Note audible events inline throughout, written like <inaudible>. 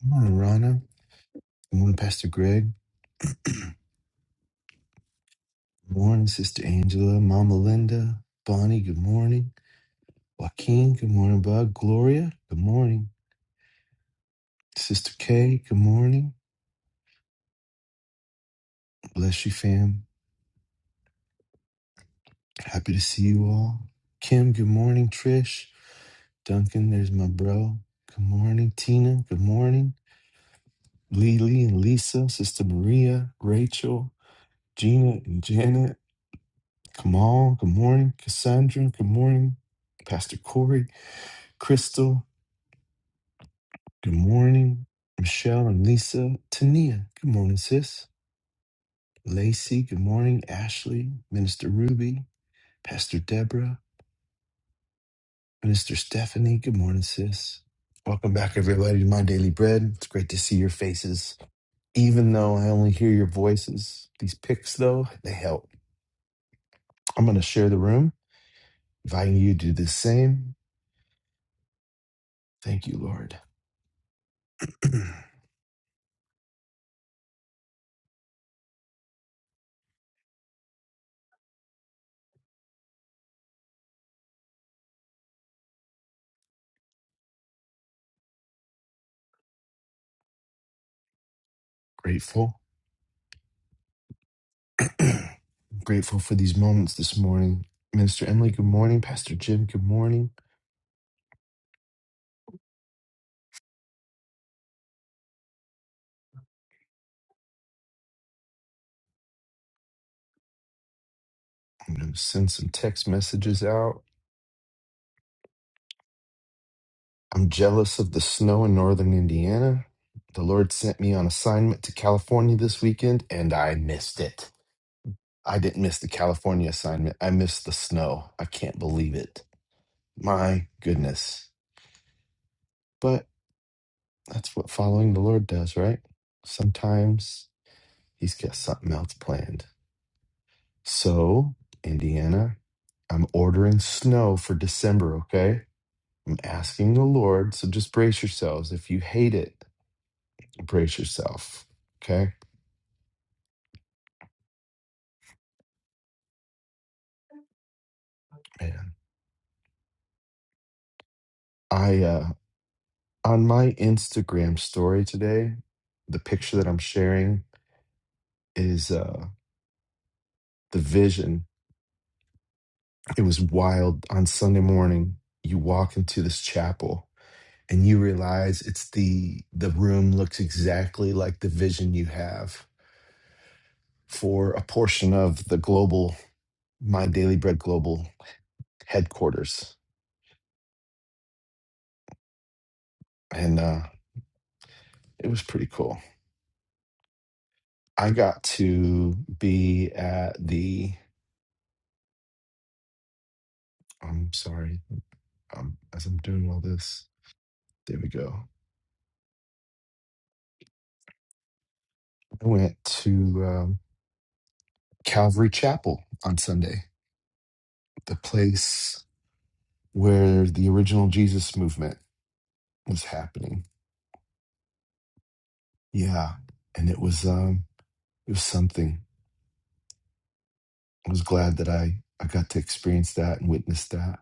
Good morning, Rana. Good morning, Pastor Greg. Good morning, Sister Angela, Mama Linda, Bonnie. Good morning, Joaquin. Good morning, Bud. Gloria. Good morning, Sister Kay. Good morning. Bless you, fam. Happy to see you all. Kim. Good morning, Trish. Duncan. There's my bro. Good morning, Tina. Good morning, Lily and Lisa. Sister Maria, Rachel, Gina and Janet. Kamal. Good morning, Cassandra. Good morning, Pastor Corey. Crystal. Good morning, Michelle and Lisa. Tania, good morning, sis. Lacey, good morning. Ashley, Minister Ruby, Pastor Deborah, Minister Stephanie, good morning, sis. Welcome back, everybody, to My Daily Bread. It's great to see your faces. Even though I only hear your voices, these pics, though, they help. I'm going to share the room, inviting you to do the same. Thank you, Lord. <clears throat> grateful. <clears throat> grateful for these moments this morning. Minister Emily, good morning. Pastor Jim, good morning. I'm going to send some text messages out. I'm jealous of the snow in northern Indiana. The Lord sent me on assignment to California this weekend and I missed it. I didn't miss the California assignment. I missed the snow. I can't believe it. My goodness. But that's what following the Lord does, right? Sometimes he's got something else planned. So, Indiana, I'm ordering snow for December, okay? I'm asking the Lord, so just brace yourselves. If you hate it, brace yourself. Okay? Man. I uh on my Instagram story today, the picture that I'm sharing is uh the vision. It was wild on Sunday morning. You walk into this chapel and you realize it's the the room looks exactly like the vision you have for a portion of the global my daily bread global headquarters and uh it was pretty cool I got to be at the. I'm sorry. Um, as I'm doing all this, there we go. I went to um, Calvary Chapel on Sunday, the place where the original Jesus movement was happening. Yeah, and it was um, it was something. I was glad that I I got to experience that and witness that.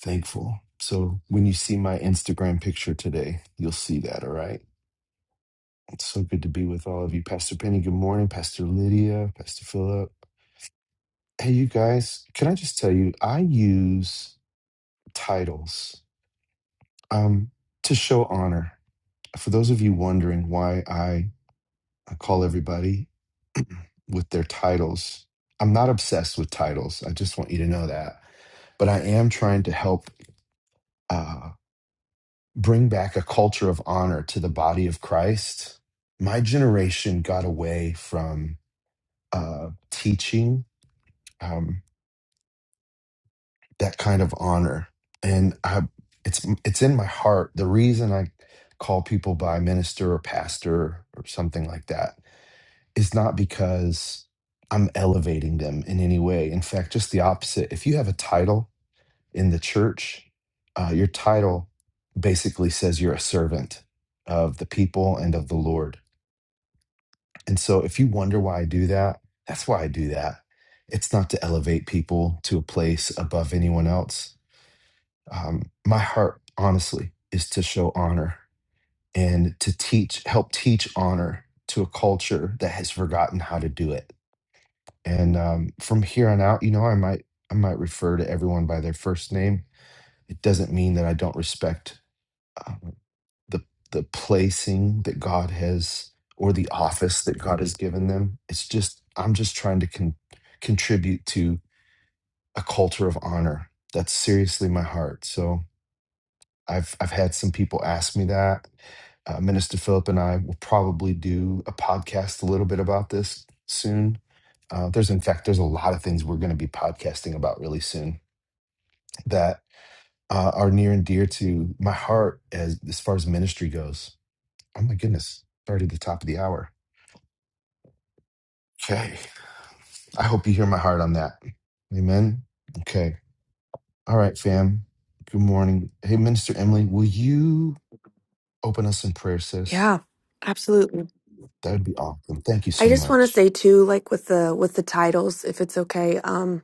Thankful. So when you see my Instagram picture today, you'll see that. All right. It's so good to be with all of you. Pastor Penny, good morning. Pastor Lydia, Pastor Philip. Hey, you guys, can I just tell you, I use titles um, to show honor. For those of you wondering why I call everybody with their titles, I'm not obsessed with titles. I just want you to know that. But I am trying to help uh, bring back a culture of honor to the body of Christ. My generation got away from uh, teaching. Um, that kind of honor and i it's it's in my heart the reason i call people by minister or pastor or something like that is not because i'm elevating them in any way in fact just the opposite if you have a title in the church uh, your title basically says you're a servant of the people and of the lord and so if you wonder why i do that that's why i do that it's not to elevate people to a place above anyone else um, my heart honestly is to show honor and to teach help teach honor to a culture that has forgotten how to do it and um, from here on out you know i might i might refer to everyone by their first name it doesn't mean that i don't respect um, the the placing that god has or the office that god has given them it's just i'm just trying to con- contribute to a culture of honor that's seriously my heart so I've I've had some people ask me that. Uh, Minister Philip and I will probably do a podcast a little bit about this soon. Uh, there's in fact there's a lot of things we're going to be podcasting about really soon that uh, are near and dear to my heart as as far as ministry goes. Oh my goodness, already the top of the hour. Okay, I hope you hear my heart on that. Amen. Okay, all right, fam. Good morning. Hey, Minister Emily, will you open us in prayer, sis? Yeah, absolutely. That would be awesome. Thank you so I just want to much. say too, like with the with the titles, if it's okay, um,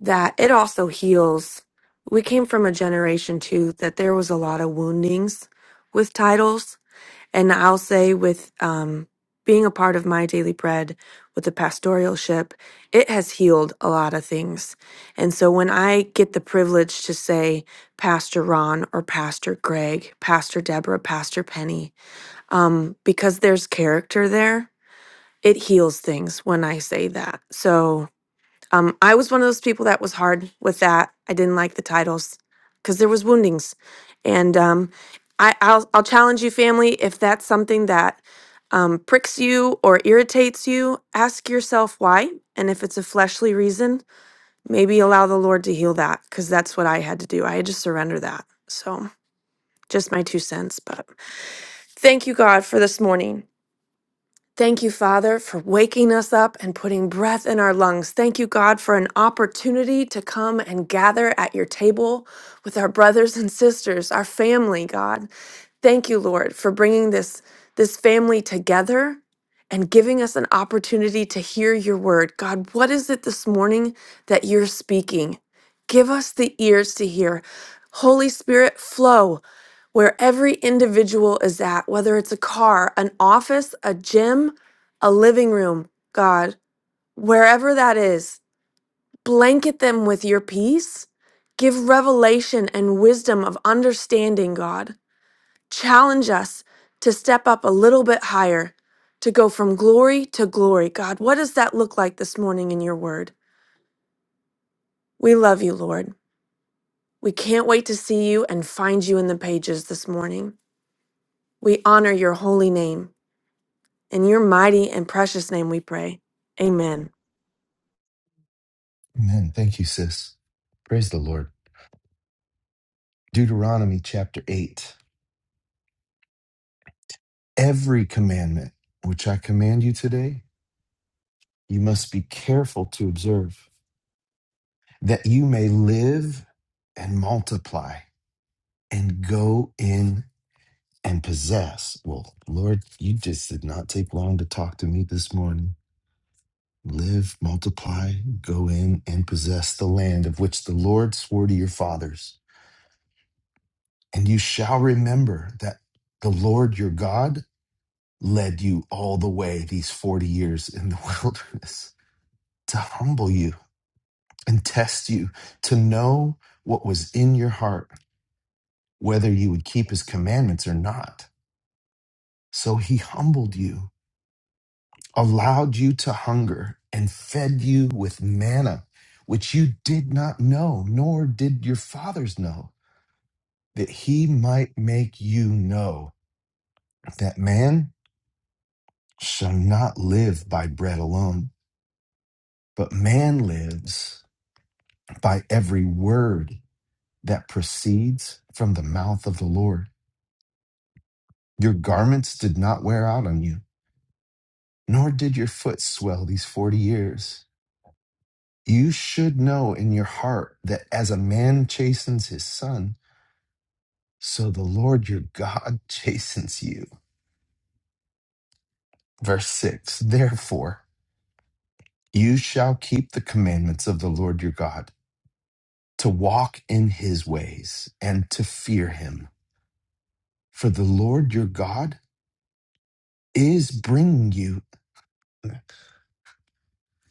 that it also heals. We came from a generation too that there was a lot of woundings with titles, and I'll say with um, being a part of my daily bread with the pastoralship, it has healed a lot of things. And so when I get the privilege to say Pastor Ron or Pastor Greg, Pastor Deborah, Pastor Penny, um, because there's character there. It heals things when I say that. So um, I was one of those people that was hard with that. I didn't like the titles because there was woundings, and um, I, I'll I'll challenge you, family, if that's something that um, pricks you or irritates you, ask yourself why. And if it's a fleshly reason, maybe allow the Lord to heal that because that's what I had to do. I had to surrender that. So just my two cents, but thank you, God, for this morning. Thank you, Father, for waking us up and putting breath in our lungs. Thank you, God, for an opportunity to come and gather at your table with our brothers and sisters, our family, God. Thank you, Lord, for bringing this, this family together and giving us an opportunity to hear your word. God, what is it this morning that you're speaking? Give us the ears to hear. Holy Spirit, flow where every individual is at, whether it's a car, an office, a gym, a living room, God, wherever that is, blanket them with your peace. Give revelation and wisdom of understanding, God challenge us to step up a little bit higher, to go from glory to glory. God, what does that look like this morning in your word? We love you, Lord. We can't wait to see you and find you in the pages this morning. We honor your holy name. In your mighty and precious name we pray. Amen. Amen. Thank you, sis. Praise the Lord. Deuteronomy chapter 8. Every commandment which I command you today, you must be careful to observe, that you may live and multiply and go in and possess. Well, Lord, you just did not take long to talk to me this morning. Live, multiply, go in and possess the land of which the Lord swore to your fathers And you shall remember that the Lord your God led you all the way these 40 years in the <laughs> wilderness to humble you and test you, to know what was in your heart, whether you would keep his commandments or not. So he humbled you, allowed you to hunger, and fed you with manna, which you did not know, nor did your fathers know, that he might make you know that man shall not live by bread alone, but man lives by every word that proceeds from the mouth of the Lord. Your garments did not wear out on you, nor did your foot swell these 40 years. You should know in your heart that as a man chastens his son, so the Lord your God <laughs> chastens you. Verse 6 Therefore, you shall keep the commandments of the Lord your God to walk in his ways and to fear him. For the Lord your God is bringing you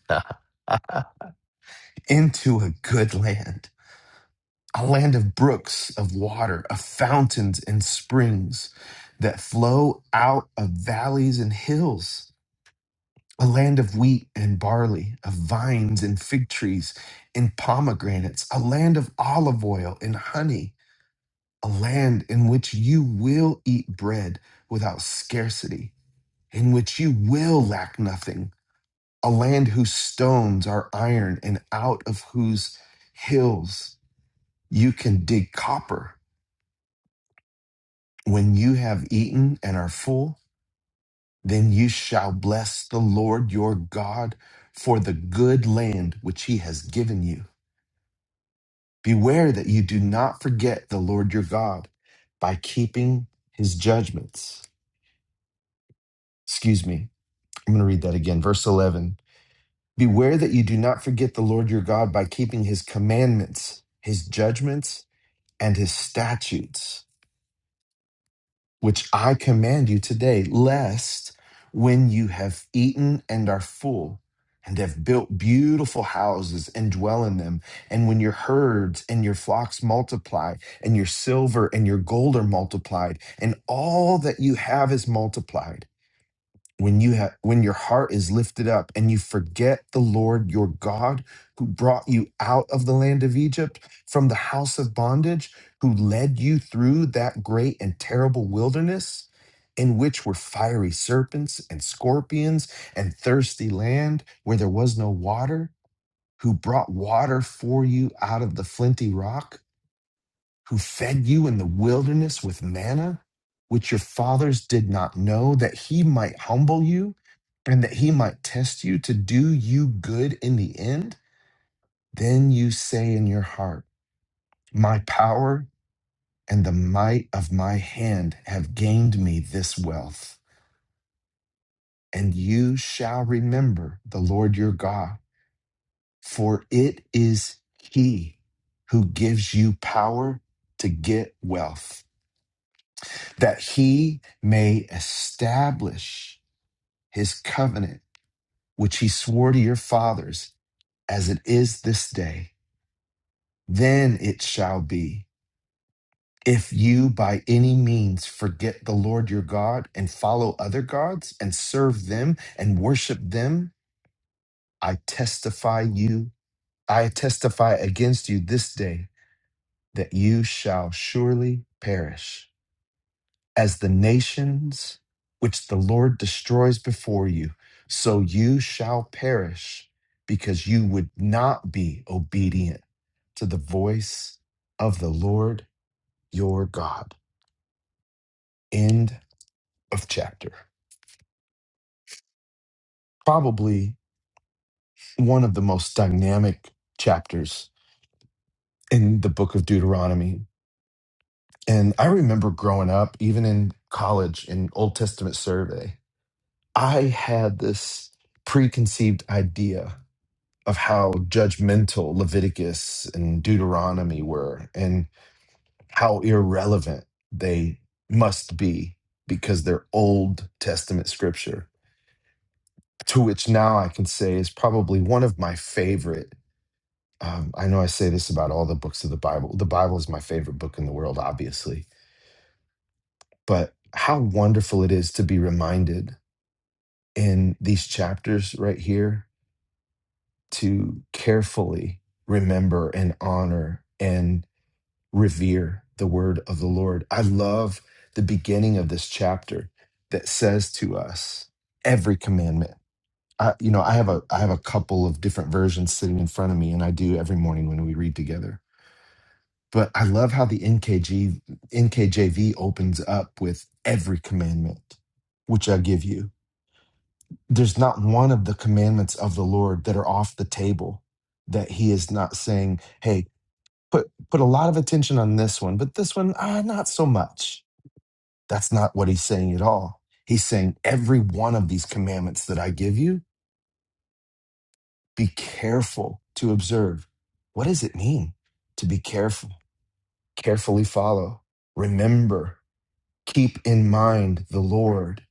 <laughs> into a good land, a land of brooks of water, of fountains and springs that flow out of valleys and hills, a land of wheat and barley, of vines and fig trees and pomegranates, a land of olive oil and honey a land in which you will eat bread without scarcity, in which you will lack nothing, a land whose stones are iron and out of whose hills you can dig copper. When you have eaten and are full, then you shall bless the Lord your God for the good land which he has given you. Beware that you do not forget the Lord your God by keeping his judgments. Excuse me I'm going to read that again. Verse 11 Beware that you do not forget the Lord your God by keeping his commandments, his judgments, and his statutes, which I command you today, lest when you have eaten and are full, and have built beautiful houses and dwell in them, and when your herds and your flocks multiply, and your silver and your gold are multiplied, and all that you have is multiplied when you have when your heart is lifted up and you forget the Lord your God who brought you out of the land of Egypt from the house of bondage who led you through that great and terrible wilderness in which were fiery serpents and scorpions and thirsty land where there was no water who brought water for you out of the flinty rock who fed you in the wilderness with manna, which your fathers did not know, that he might humble you and that he might test you to do you good in the end? Then you say in your heart, My power and the might of my hand have gained me this wealth. And you shall remember the Lord your God, for it is he who gives you power to get wealth that he may establish his covenant, which he swore to your fathers, as it is this day. Then it shall be, if you by any means forget the Lord your God and follow other gods and serve them and worship them, I testify you, I testify against you this day that you shall surely perish. as the nations which the Lord destroys before you, so you shall perish because you would not be obedient to the voice of the Lord your God. End of chapter. Probably one of the most dynamic chapters in the book of Deuteronomy. And I remember growing up, even in college in Old Testament survey, I had this preconceived idea of how judgmental Leviticus and Deuteronomy were and how irrelevant they must be because they're Old Testament scripture, to which now I can say is probably one of my favorite. Um, I know I say this about all the books of the Bible. The Bible is my favorite book in the world, obviously, but how wonderful it is to be reminded in these chapters right here to carefully remember and honor and revere the word of the Lord. I love the beginning of this chapter that says to us every commandment. I, you know, I have a I have a couple of different versions sitting in front of me, and I do every morning when we read together. But I love how the NKG NKJV opens up with every commandment which I give you. There's not one of the commandments of the Lord that are off the table that He is not saying, "Hey, put put a lot of attention on this one, but this one, ah, not so much. That's not what he's saying at all. He's saying every one of these commandments that I give you, be careful to observe. What does it mean to be careful? Carefully follow. Remember, keep in mind the Lord.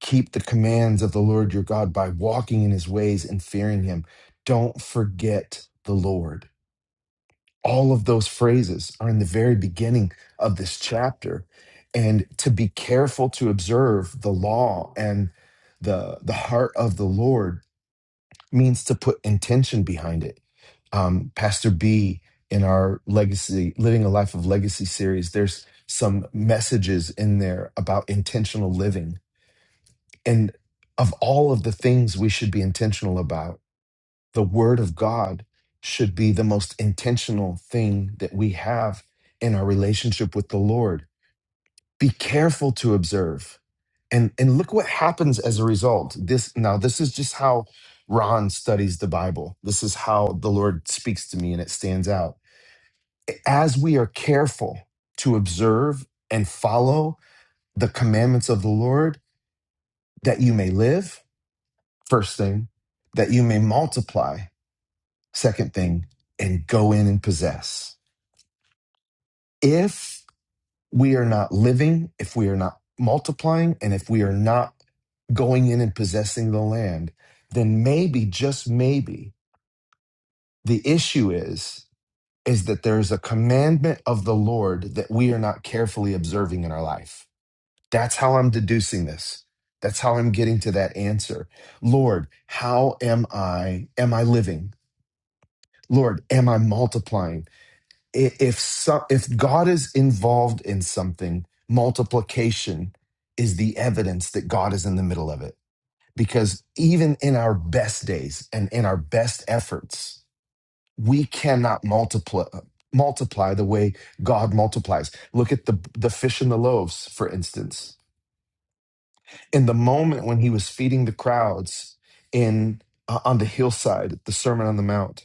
Keep the commands of the Lord your God by walking in his ways and fearing him. Don't forget the Lord All of those phrases are in the very beginning of this chapter. And to be careful to observe the law and the, the heart of the Lord means to put intention behind it. Um, Pastor B in our legacy, living a life of legacy series, there's some messages in there about intentional living. And of all of the things we should be intentional about, the word of God should be the most intentional thing that we have in our relationship with the Lord. Be careful to observe. And and look what happens as a result. This now this is just how Ron studies the Bible. This is how the Lord speaks to me and it stands out. As we are careful to observe and follow the commandments of the Lord that you may live, first thing, that you may multiply Second thing, and go in and possess. If we are not living, if we are not multiplying, and if we are not going in and possessing the land, then maybe, just maybe, the issue is is that there is a commandment of the Lord that we are not carefully observing in our life. That's how I'm deducing this. That's how I'm getting to that answer. Lord, how am I am I living? Lord, am I multiplying? if some, if God is involved in something, multiplication is the evidence that God is in the middle of it. Because even in our best days and in our best efforts, we cannot multiply multiply the way God multiplies. Look at the the fish and the loaves, for instance. In the moment when he was feeding the crowds in uh, on the hillside, the Sermon on the Mount,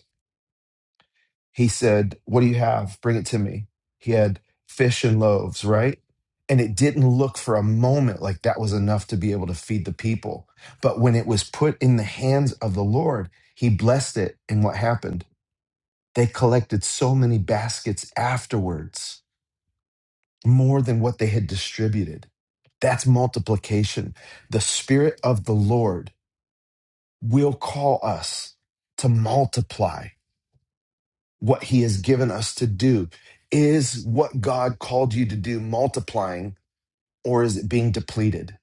He said, What do you have? Bring it to me. He had fish and loaves, right? And it didn't look for a moment like that was enough to be able to feed the people. But when it was put in the hands of the Lord, he blessed it. And what happened? They collected so many baskets afterwards, more than what they had distributed. That's multiplication. The Spirit of the Lord will call us to multiply what he has given us to do. Is what God called you to do multiplying or is it being depleted?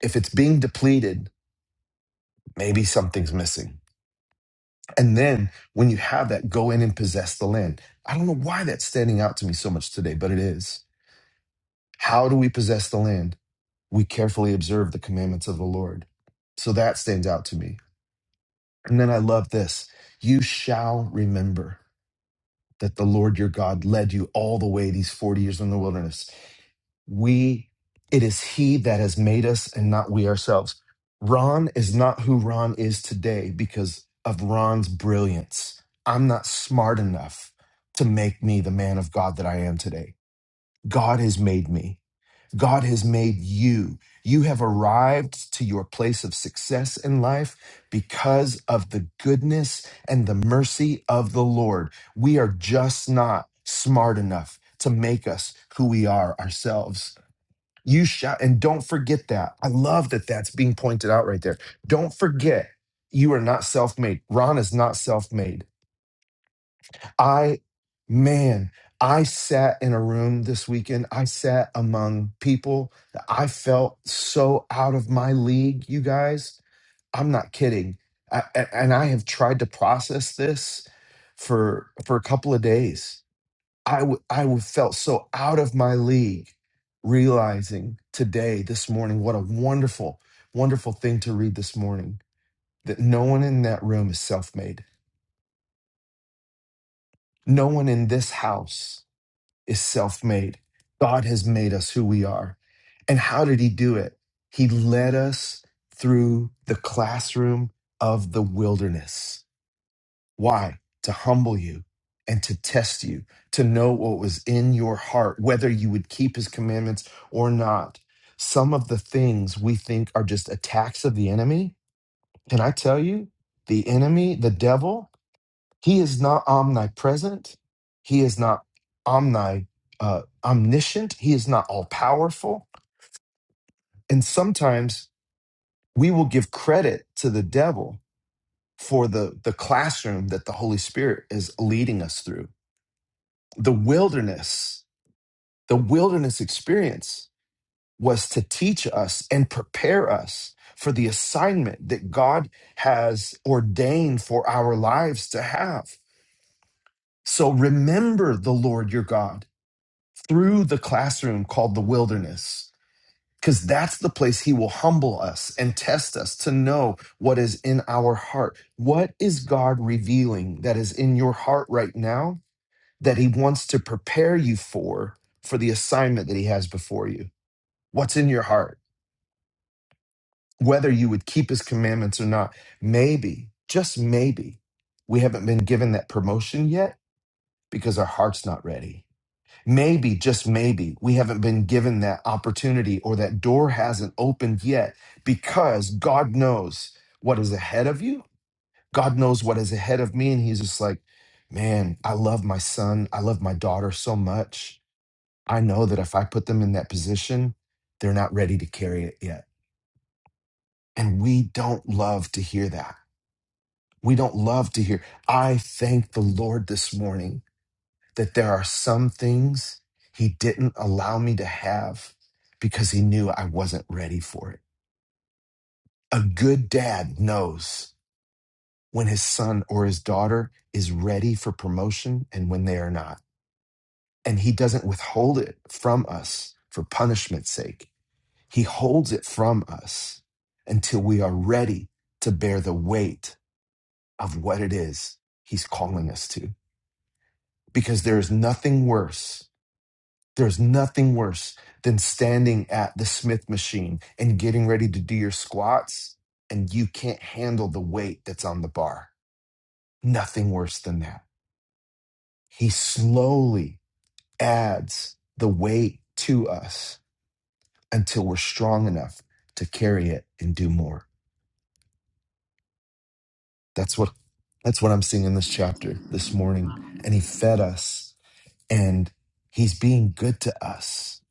If it's being depleted, maybe something's missing. And then when you have that, go in and possess the land. I don't know why that's standing out to me so much today, but it is. How do we possess the land? We carefully observe the commandments of the Lord. So that stands out to me. And then I love this. You shall remember that the Lord your God led you all the way these 40 years in the wilderness we it is he that has made us and not we ourselves ron is not who ron is today because of ron's brilliance i'm not smart enough to make me the man of god that i am today god has made me god has made you you have arrived to your place of success in life because of the goodness and the mercy of the lord we are just not smart enough to make us who we are ourselves you shall, and don't forget that. I love that that's being pointed out right there. Don't forget you are not self made. Ron is not self made. I, man, I sat in a room this weekend. I sat among people that I felt so out of my league, you guys. I'm not kidding. I, a- and I have tried to process this for for a couple of days I w- I w- felt so out of my league realizing today, this morning, what a wonderful, wonderful thing to read this morning that no one in that room is self made. No one in this house is self made. God has made us who we are. And how did He do it? He led us through the classroom of the wilderness. Why? To humble you and to test you, to know what was in your heart, whether you would keep his commandments or not. Some of the things we think are just attacks of the enemy. Can I tell you, the enemy, the devil, he is not omnipresent. He is not omni, uh, omniscient. He is not all powerful. And sometimes we will give credit to the devil for the, the classroom that the Holy Spirit is leading us through the wilderness, the wilderness experience was to teach us and prepare us for the assignment that God has ordained for our lives to have. So remember the Lord your God through the classroom called the wilderness, because that's the place he will humble us and test us to know what is in our heart. What is God revealing that is in your heart right now? that he wants to prepare you for for the assignment that he has before you what's in your heart whether you would keep his commandments or not maybe just maybe we haven't been given that promotion yet because our heart's not ready maybe just maybe we haven't been given that opportunity or that door hasn't opened yet because god knows what is ahead of you god knows what is ahead of me and he's just like man i love my son i love my daughter so much I know that if I put them in that position, they're not ready to carry it yet. And we don't love to hear that. We don't love to hear. I thank the Lord this morning that there are some things He didn't allow me to have because He knew I wasn't ready for it. A good dad knows when his son or his daughter is ready for promotion and when they are not. And He doesn't withhold it from us for punishment's sake He holds it from us until we are ready to bear the weight of what it is He's calling us to. Because there is nothing worse, there's nothing worse than standing at the Smith machine and getting ready to do your squats and you can't handle the weight that's on the bar. Nothing worse than that. He slowly adds the weight to us until we're strong enough to carry it and do more. That's what That's what I'm seeing in this chapter this morning. And he fed us and he's being good to us.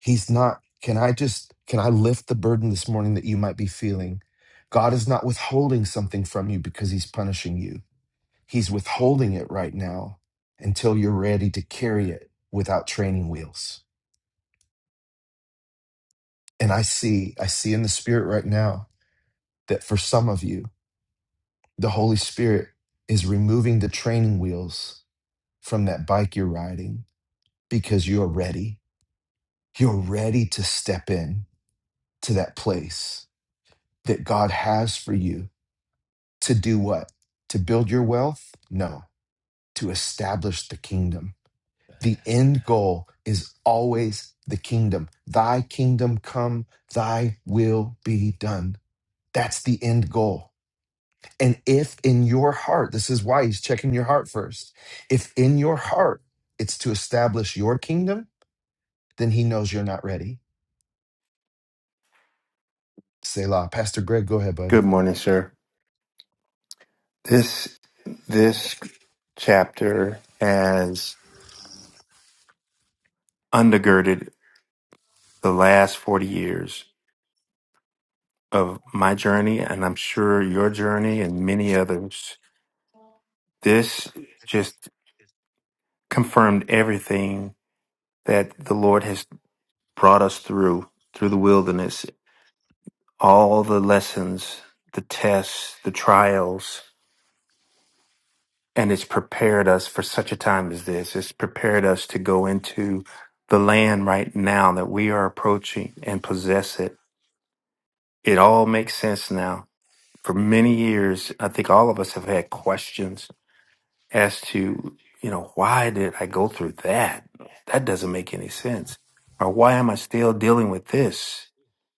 He's not, can I just, can I lift the burden this morning that you might be feeling? God is not withholding something from you because he's punishing you. He's withholding it right now until you're ready to carry it without training wheels. And I see, I see in the spirit right now that for some of you, the Holy Spirit is removing the training wheels from that bike you're riding because you're ready. You're ready to step in to that place that God has for you to do what? To build your wealth? No, to establish the kingdom. The end goal is always the kingdom. Thy kingdom come, thy will be done. That's the end goal. And if in your heart, this is why he's checking your heart first, if in your heart it's to establish your kingdom, then he knows you're not ready Selah. Pastor Greg, go ahead, bud. Good morning, sir. This this chapter has undergirded the last 40 years of my journey and I'm sure your journey and many others. This just confirmed everything that the Lord has brought us through through the wilderness, all the lessons, the tests, the trials, and it's prepared us for such a time as this. It's prepared us to go into the land right now that we are approaching and possess it. It all makes sense now. For many years, I think all of us have had questions as to, you know, why did I go through that? That doesn't make any sense. Or why am I still dealing with this?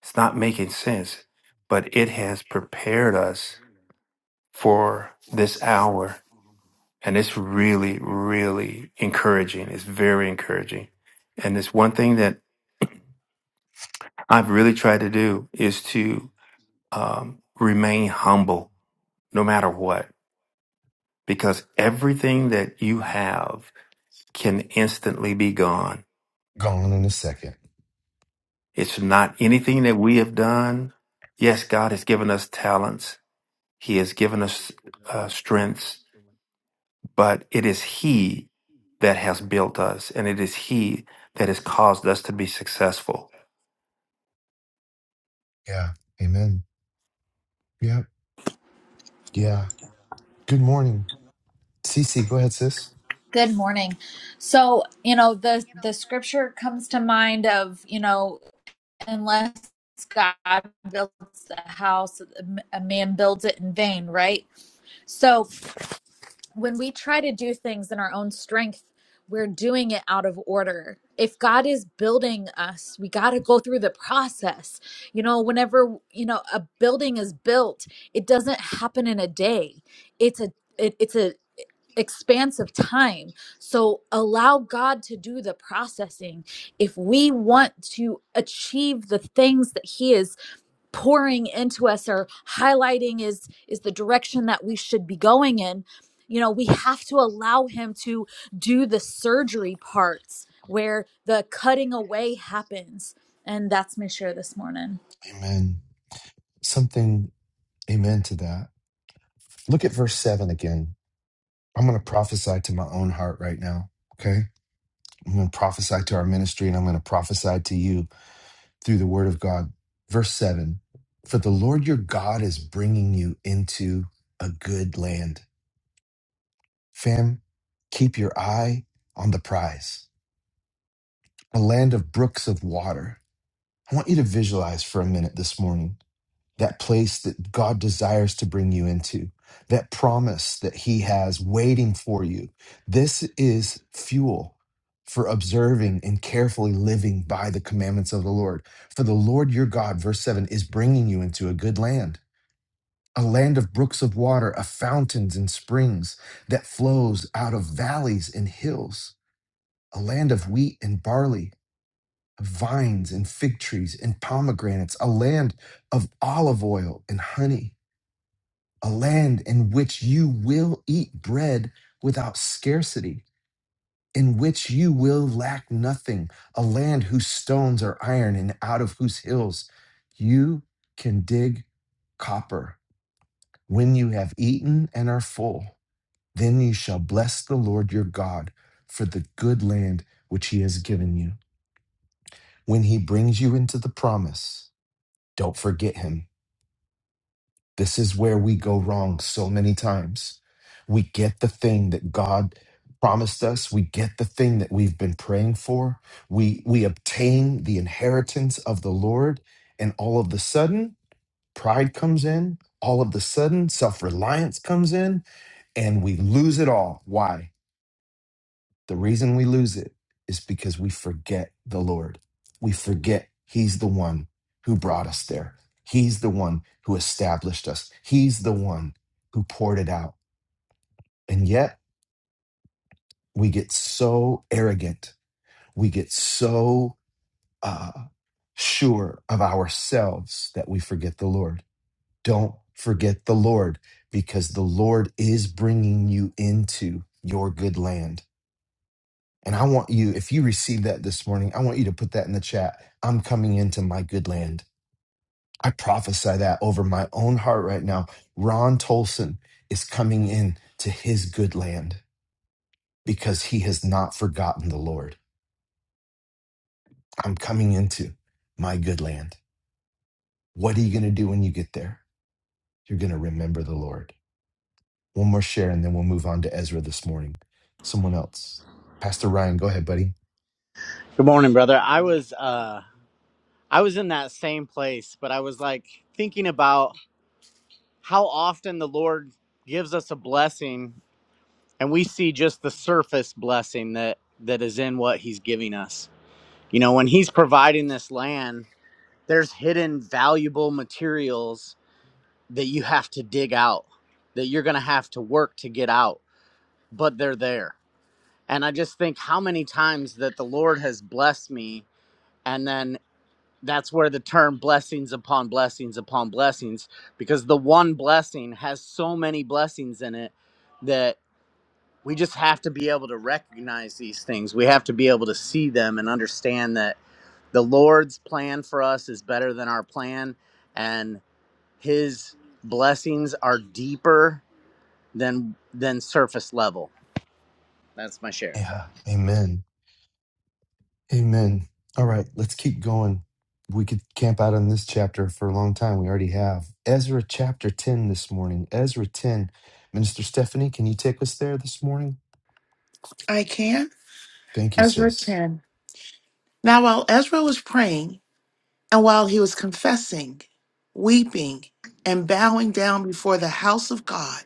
It's not making sense. But it has prepared us for this hour And it's really, really encouraging. It's very encouraging. And it's one thing that I've really tried to do is to um, remain humble no matter what, because everything that you have can instantly be gone. Gone in a second. It's not anything that we have done. Yes, God has given us talents. He has given us uh, strengths, but it is He that has built us and it is He that has caused us to be successful. Yeah. Amen. Yep. Yeah. Good morning. Cece, go ahead, sis. Good morning. So, you know, the the scripture comes to mind of, you know, unless God builds a house, a man builds it in vain, right? So, when we try to do things in our own strength, we're doing it out of order. If God is building us, we got to go through the process. You know, whenever, you know, a building is built, it doesn't happen in a day. It's a it, it's a expanse of time. So allow God to do the processing. If we want to achieve the things that He is pouring into us or highlighting is is the direction that we should be going in you know we have to allow him to do the surgery parts where the cutting away happens and that's my share this morning Amen. Something, amen to that. Look at verse 7 again. I'm going to prophesy to my own heart right now. Okay. I'm going to prophesy to our ministry and I'm going to prophesy to you through the word of God. Verse 7 For the Lord your God is bringing you into a good land. Fam, keep your eye on the prize a land of brooks of water. I want you to visualize for a minute this morning that place that God desires to bring you into, that promise that He has waiting for you. This is fuel for observing and carefully living by the commandments of the Lord. For the Lord your God, verse 7, is bringing you into a good land. A land of brooks of water, of fountains and springs that flows out of valleys and hills, a land of wheat and barley, vines and fig trees and pomegranates, a land of olive oil and honey, a land in which you will eat bread without scarcity, in which you will lack nothing, a land whose stones are iron and out of whose hills you can dig copper. When you have eaten and are full, then you shall bless the Lord your God for the good land which he has given you. When he brings you into the promise, Don't forget him. This is where we go wrong so many times. We get the thing that God promised us, we get the thing that we've been praying for. We we obtain the inheritance of the Lord and all of the sudden pride comes in, all of the sudden self-reliance comes in and we lose it all. Why? The reason we lose it is because we forget the Lord. We forget He's the one who brought us there. He's the one who established us. He's the one who poured it out. And yet we get so arrogant. We get so uh, sure of ourselves that we forget the Lord. Don't forget the Lord because the Lord is bringing you into your good land. And I want you, if you receive that this morning, I want you to put that in the chat. I'm coming into my good land. I prophesy that over my own heart right now. Ron Tolson is coming in to his good land because he has not forgotten the Lord. I'm coming into my good land. What are you going to do when you get there? You're going to remember the Lord. One more share, and then we'll move on to Ezra this morning. Someone else. Pastor Ryan, go ahead, buddy. Good morning, brother. I was uh I was in that same place, but I was like thinking about how often the Lord gives us a blessing and we see just the surface blessing that that is in what he's giving us. You know, when he's providing this land, there's hidden valuable materials that you have to dig out, that you're going to have to work to get out, but they're there. And I just think how many times that the Lord has blessed me and then. that's where the term blessings upon blessings upon blessings because the one blessing has so many blessings in it that we just have to be able to recognize these things we have to be able to see them and understand that the lord's plan for us is better than our plan and his blessings are deeper than than surface level that's my share Yeah, amen. Amen. All right, let's keep going. We could camp out on this chapter for a long time. We already have. Ezra chapter 10 this morning. Ezra 10. Minister Stephanie, can you take us there this morning? I can. Thank you, Ezra sis. 10. Now, while Ezra was praying, and while he was confessing, weeping, and bowing down before the house of God,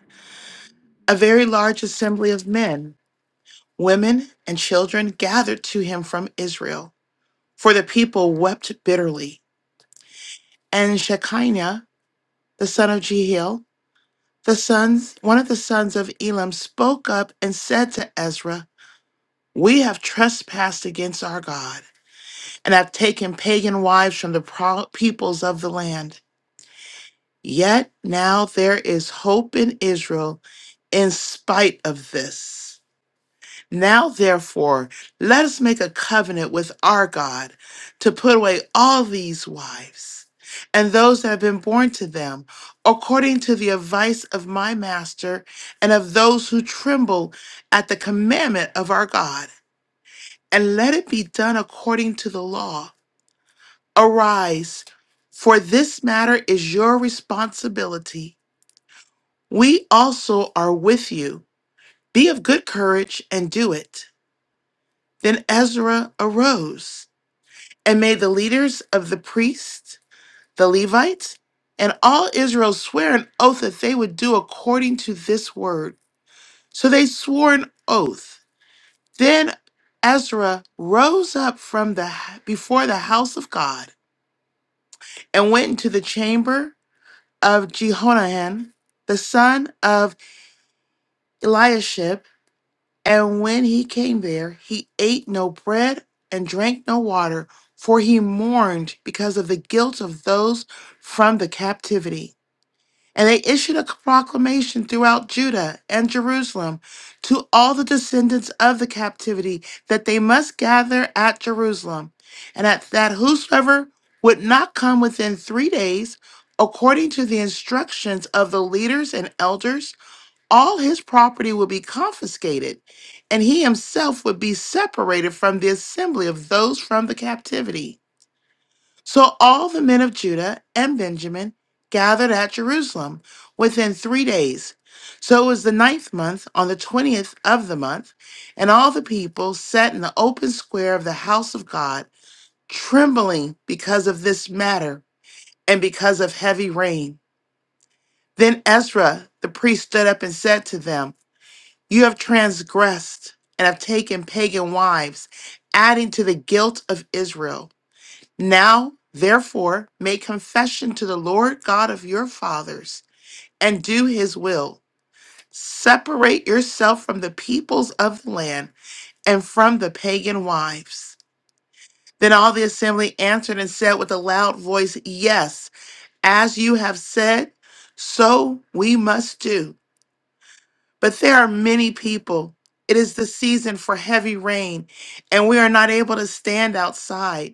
a very large assembly of men, women, and children gathered to him from Israel. For the people wept bitterly. And Shekinah, the son of Jehiel, the sons, one of the sons of Elam, spoke up and said to Ezra, We have trespassed against our God and have taken pagan wives from the pro- peoples of the land. Yet now there is hope in Israel in spite of this. Now, therefore, let us make a covenant with our God to put away all these wives and those that have been born to them, according to the advice of my master and of those who tremble at the commandment of our God. And let it be done according to the law. Arise, for this matter is your responsibility. We also are with you. Be of good courage and do it. Then Ezra arose and made the leaders of the priests, the Levites, and all Israel swear an oath that they would do according to this word. So they swore an oath. Then Ezra rose up from the before the house of God and went into the chamber of Jehonahan, the son of Eliashib. And when he came there, he ate no bread and drank no water, for he mourned because of the guilt of those from the captivity. And they issued a proclamation throughout Judah and Jerusalem to all the descendants of the captivity that they must gather at Jerusalem, and at that whosoever would not come within three days, according to the instructions of the leaders and elders, all his property would be confiscated, and he himself would be separated from the assembly of those from the captivity. So all the men of Judah and Benjamin gathered at Jerusalem within three days. So it was the ninth month on the twentieth of the month, and all the people sat in the open square of the house of God, trembling because of this matter and because of heavy rain. Then Ezra the priest stood up and said to them, You have transgressed and have taken pagan wives, adding to the guilt of Israel. Now, therefore, make confession to the Lord God of your fathers and do his will. Separate yourself from the peoples of the land and from the pagan wives. Then all the assembly answered and said with a loud voice, Yes, as you have said, so we must do. But there are many people. It is the season for heavy rain, and we are not able to stand outside.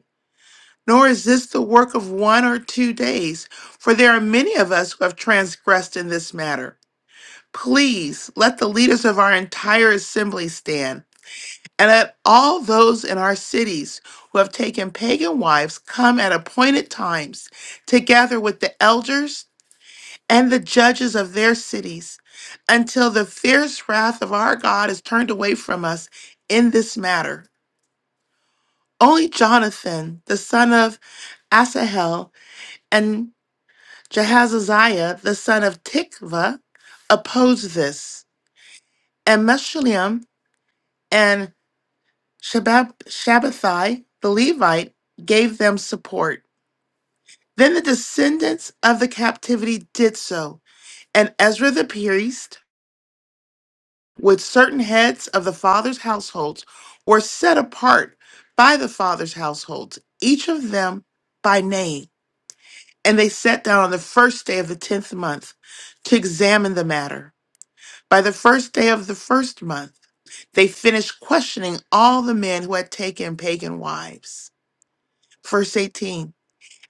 Nor is this the work of one or two days, for there are many of us who have transgressed in this matter. Please let the leaders of our entire assembly stand, and let all those in our cities who have taken pagan wives come at appointed times, together with the elders and the judges of their cities, until the fierce wrath of our God is turned away from us in this matter. Only Jonathan, the son of Asahel, and Jehazaziah, the son of Tikva, opposed this, and Meshulam and Shabab- Shabbathai, the Levite, gave them support. Then the descendants of the captivity did so, and Ezra the priest, with certain heads of the fathers' households, were set apart by the fathers' households, each of them by name. And they sat down on the first day of the tenth month to examine the matter. By the first day of the first month, they finished questioning all the men who had taken pagan wives. Verse 18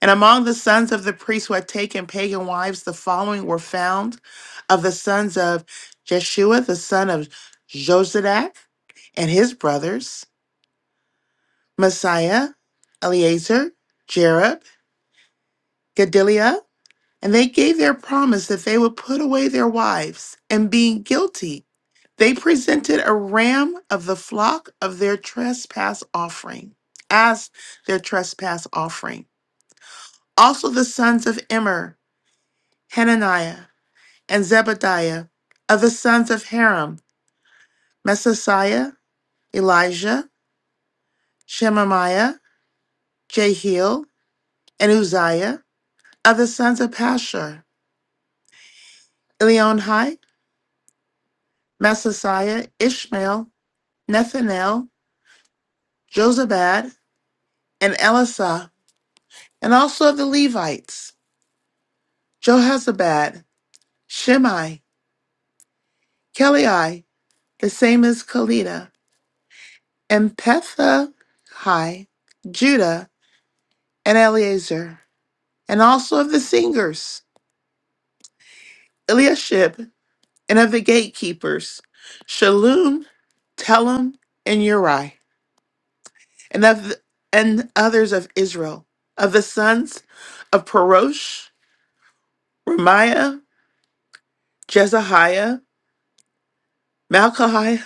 And among the sons of the priests who had taken pagan wives, the following were found of the sons of Jeshua, the son of Josadak, and his brothers Messiah, Eleazar, Jerob, Gedaliah. And they gave their promise that they would put away their wives, and being guilty, they presented a ram of the flock of their trespass offering, as their trespass offering. Also the sons of Immer, Hananiah, and Zebadiah, of the sons of Haram, Messiah, Elijah, Shemaiah, Jehiel, and Uzziah, of the sons of Pashur, Elionhai, Messiah, Ishmael, Nethanel, Josabad, and Elisah, and also of the Levites, Johazabad, Shimei, Kelei, the same as Kalida, and Pethahai, Judah, and Eleazar, and also of the singers, Eliashib, and of the gatekeepers, Shalom, Telem, and Uri, and of the, and others of Israel, of the sons of Perosh, Ramiah, Jezahiah, Malchiah,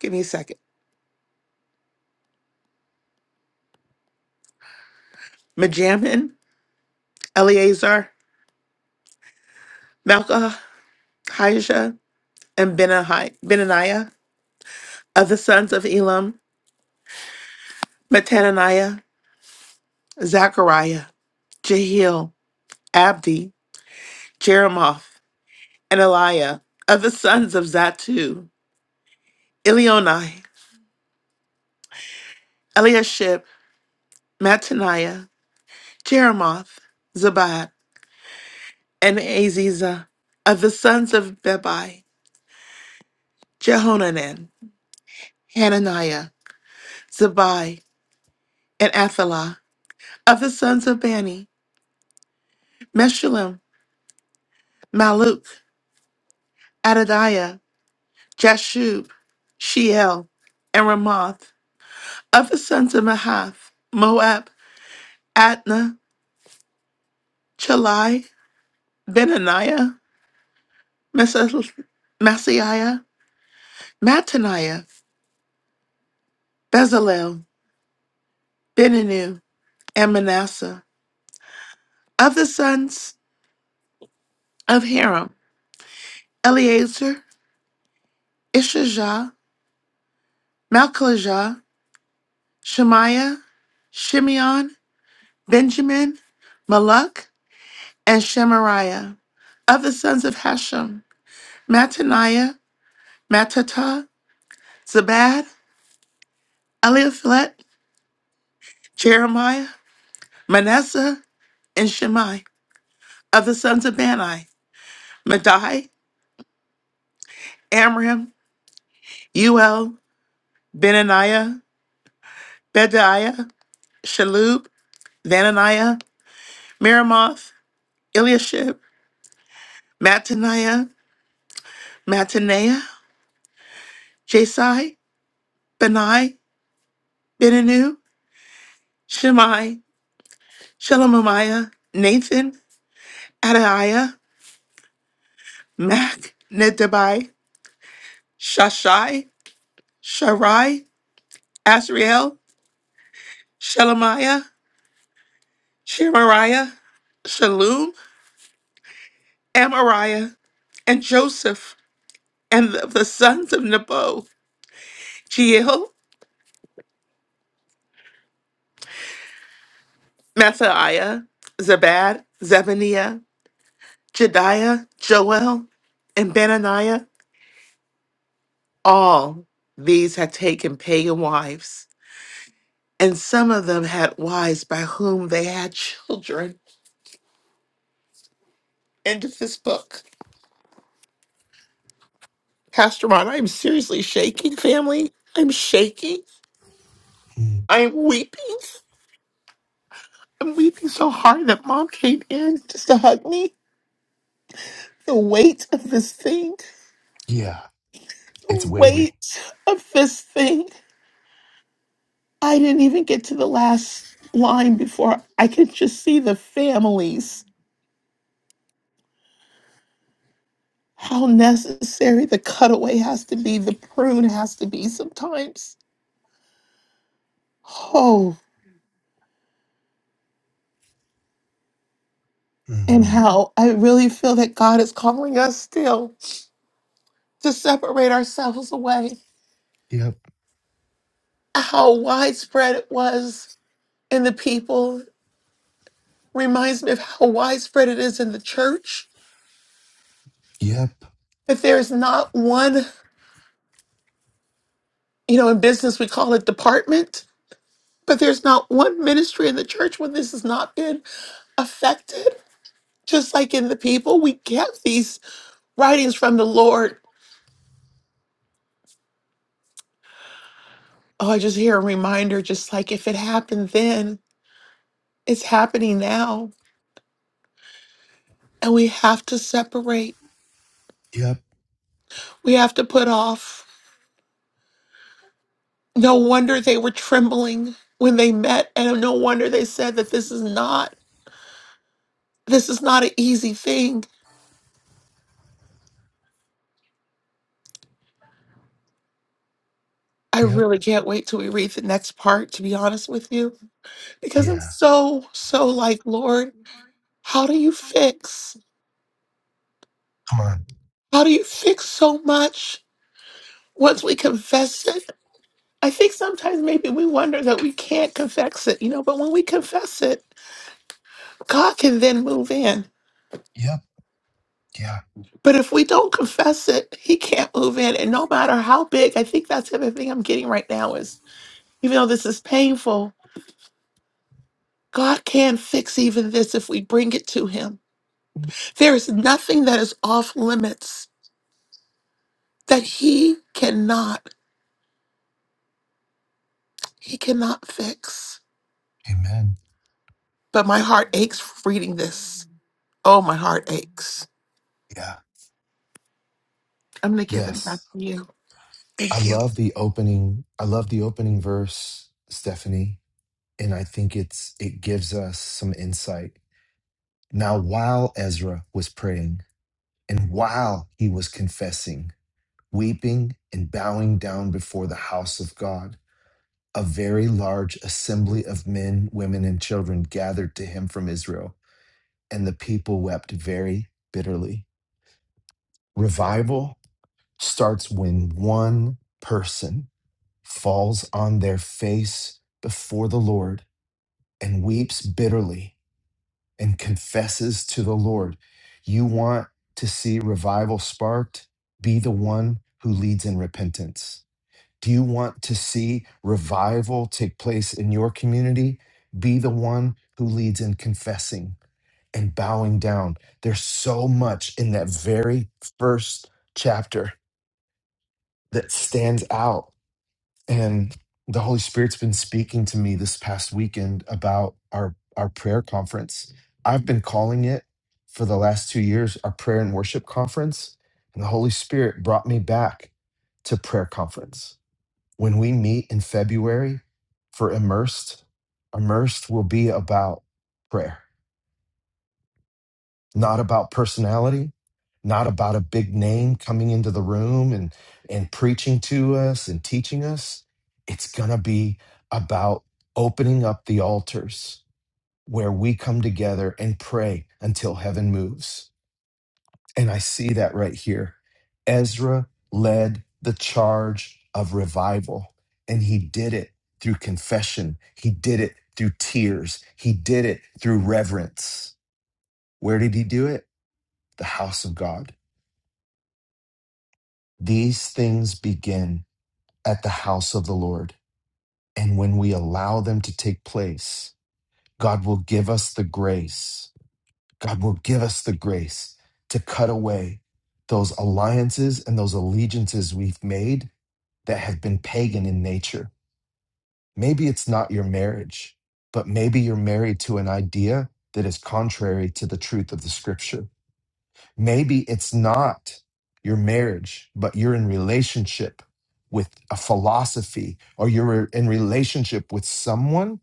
Give me a second. Majamin, Eleazar, Malka, Haijah, and Benahi- Benaniah of the sons of Elam, Matananiah, Zachariah, Jehiel, Abdi, Jeremoth, and Eliah of the sons of Zatu, Elionai, Eliashib, Mattaniah, Jeremoth, Zabad, and Aziza of the sons of Bebai, Jehonanan, Hananiah, Zabai, and Athalah Of the sons of Bani, Meshullam, Maluk, Adadiah, Jashub, Sheel, and Ramoth. Of the sons of Mahath, Moab, Adna, Chalai, Benaniah, Mesa- Masaiah, Mattaniah, Bezalel, Beninu, and Manasseh. Of the sons of Haram, Eleazar, Ishijah, Malchijah, Shemaiah, Shimeon, Benjamin, Malak, and Shemariah. Of the sons of Hashem, Mattaniah, Mattata, Zabad, Eliaphilet, Jeremiah, Manasseh, and Shimei, Of the sons of Bani, Madai, Amram, Uel, Benaniah, Bedaiah, Shalub, Vananiah, Miramoth, Eliashib, Mattaniah, Mattaniah, Jasai, Benai, Beninu, Shimei, Shelemiah, Nathan, Adaiah, Mac, Nedabai, Shashai, Sharai, Asriel, Shelemiah, Shemariah, Shalum, Amariah, and Joseph, and of the sons of Nebo, Jeiel, Mathaiah, Zabad, Zebaniah, Jediah, Joel, and Benaniah. All these had taken pagan wives, and some of them had wives by whom they had children. End of this book. Pastor Ron, I'm seriously shaking, family. I'm shaking. Mm, I'm weeping. I'm weeping so hard that mom came in just to hug me. The weight of this thing, yeah, it's the weighty. weight of this thing. I didn't even get to the last line before I could just see the families. How necessary the cutaway has to be, the prune has to be sometimes. Oh, and hmm how I really feel that God is calling us still. to separate ourselves away. Yep, How widespread it was in the people reminds me of how widespread it is in the church. yep, If there's not one, you know, in business we call it department, but there's not one ministry in the church where this has not been affected. Just like in the people, we get these writings from the Lord. Oh, I just hear a reminder, just like if it happened then, it's happening now. And we have to separate. yep, We have to put off. No wonder they were trembling when they met, and no wonder they said that this is not this is not an easy thing. I yep. really can't wait till we read the next part, to be honest with you, because I'm Yeah. so, so like, Lord, how do you fix? Come on. How do you fix so much once we confess it? I think sometimes maybe we wonder that we can't confess it, you know, but when we confess it, God can then move in. Yep, yeah. But if we don't confess it, he can't move in. And no matter how big, I think that's the other thing I'm getting right now is even though this is painful, God can fix even this if we bring it to him. There is nothing that is off limits that he cannot, he cannot fix. Amen. But my heart aches for reading this. Oh, my heart aches. Yeah. I'm going to give it back Yes. to you. I Thank you. love the opening. I love the opening verse, Stephanie. And I think it's it gives us some insight Now, while Ezra was praying and while he was confessing, weeping and bowing down before the house of God, a very large assembly of men, women, and children gathered to him from Israel, and the people wept very bitterly. Revival starts when one person falls on their face before the Lord and weeps bitterly and confesses to the Lord. You want to see revival sparked? Be the one who leads in repentance. Do you want to see revival take place in your community? Be the one who leads in confessing and bowing down. There's so much in that very first chapter that stands out and the holy spirit's been speaking to me this past weekend about our our prayer conference i've been calling it for the last 2 years our prayer and worship conference and the holy spirit brought me back to prayer conference when we meet in february for immersed immersed will be about prayer not about personality, not about a big name coming into the room and and preaching to us and teaching us. It's going to be about opening up the altars where we come together and pray until heaven moves. And I see that right here. Ezra led the charge of revival and he did it through confession. He did it through tears. He did it through reverence. Where did he do it? The house of God. These things begin at the house of the Lord. And when we allow them to take place, God will give us the grace. God will give us the grace to cut away those alliances and those allegiances we've made that have been pagan in nature. Maybe it's not your marriage, but maybe you're married to an idea that is contrary to the truth of the scripture. Maybe it's not your marriage, but you're in relationship with a philosophy or you're in relationship with someone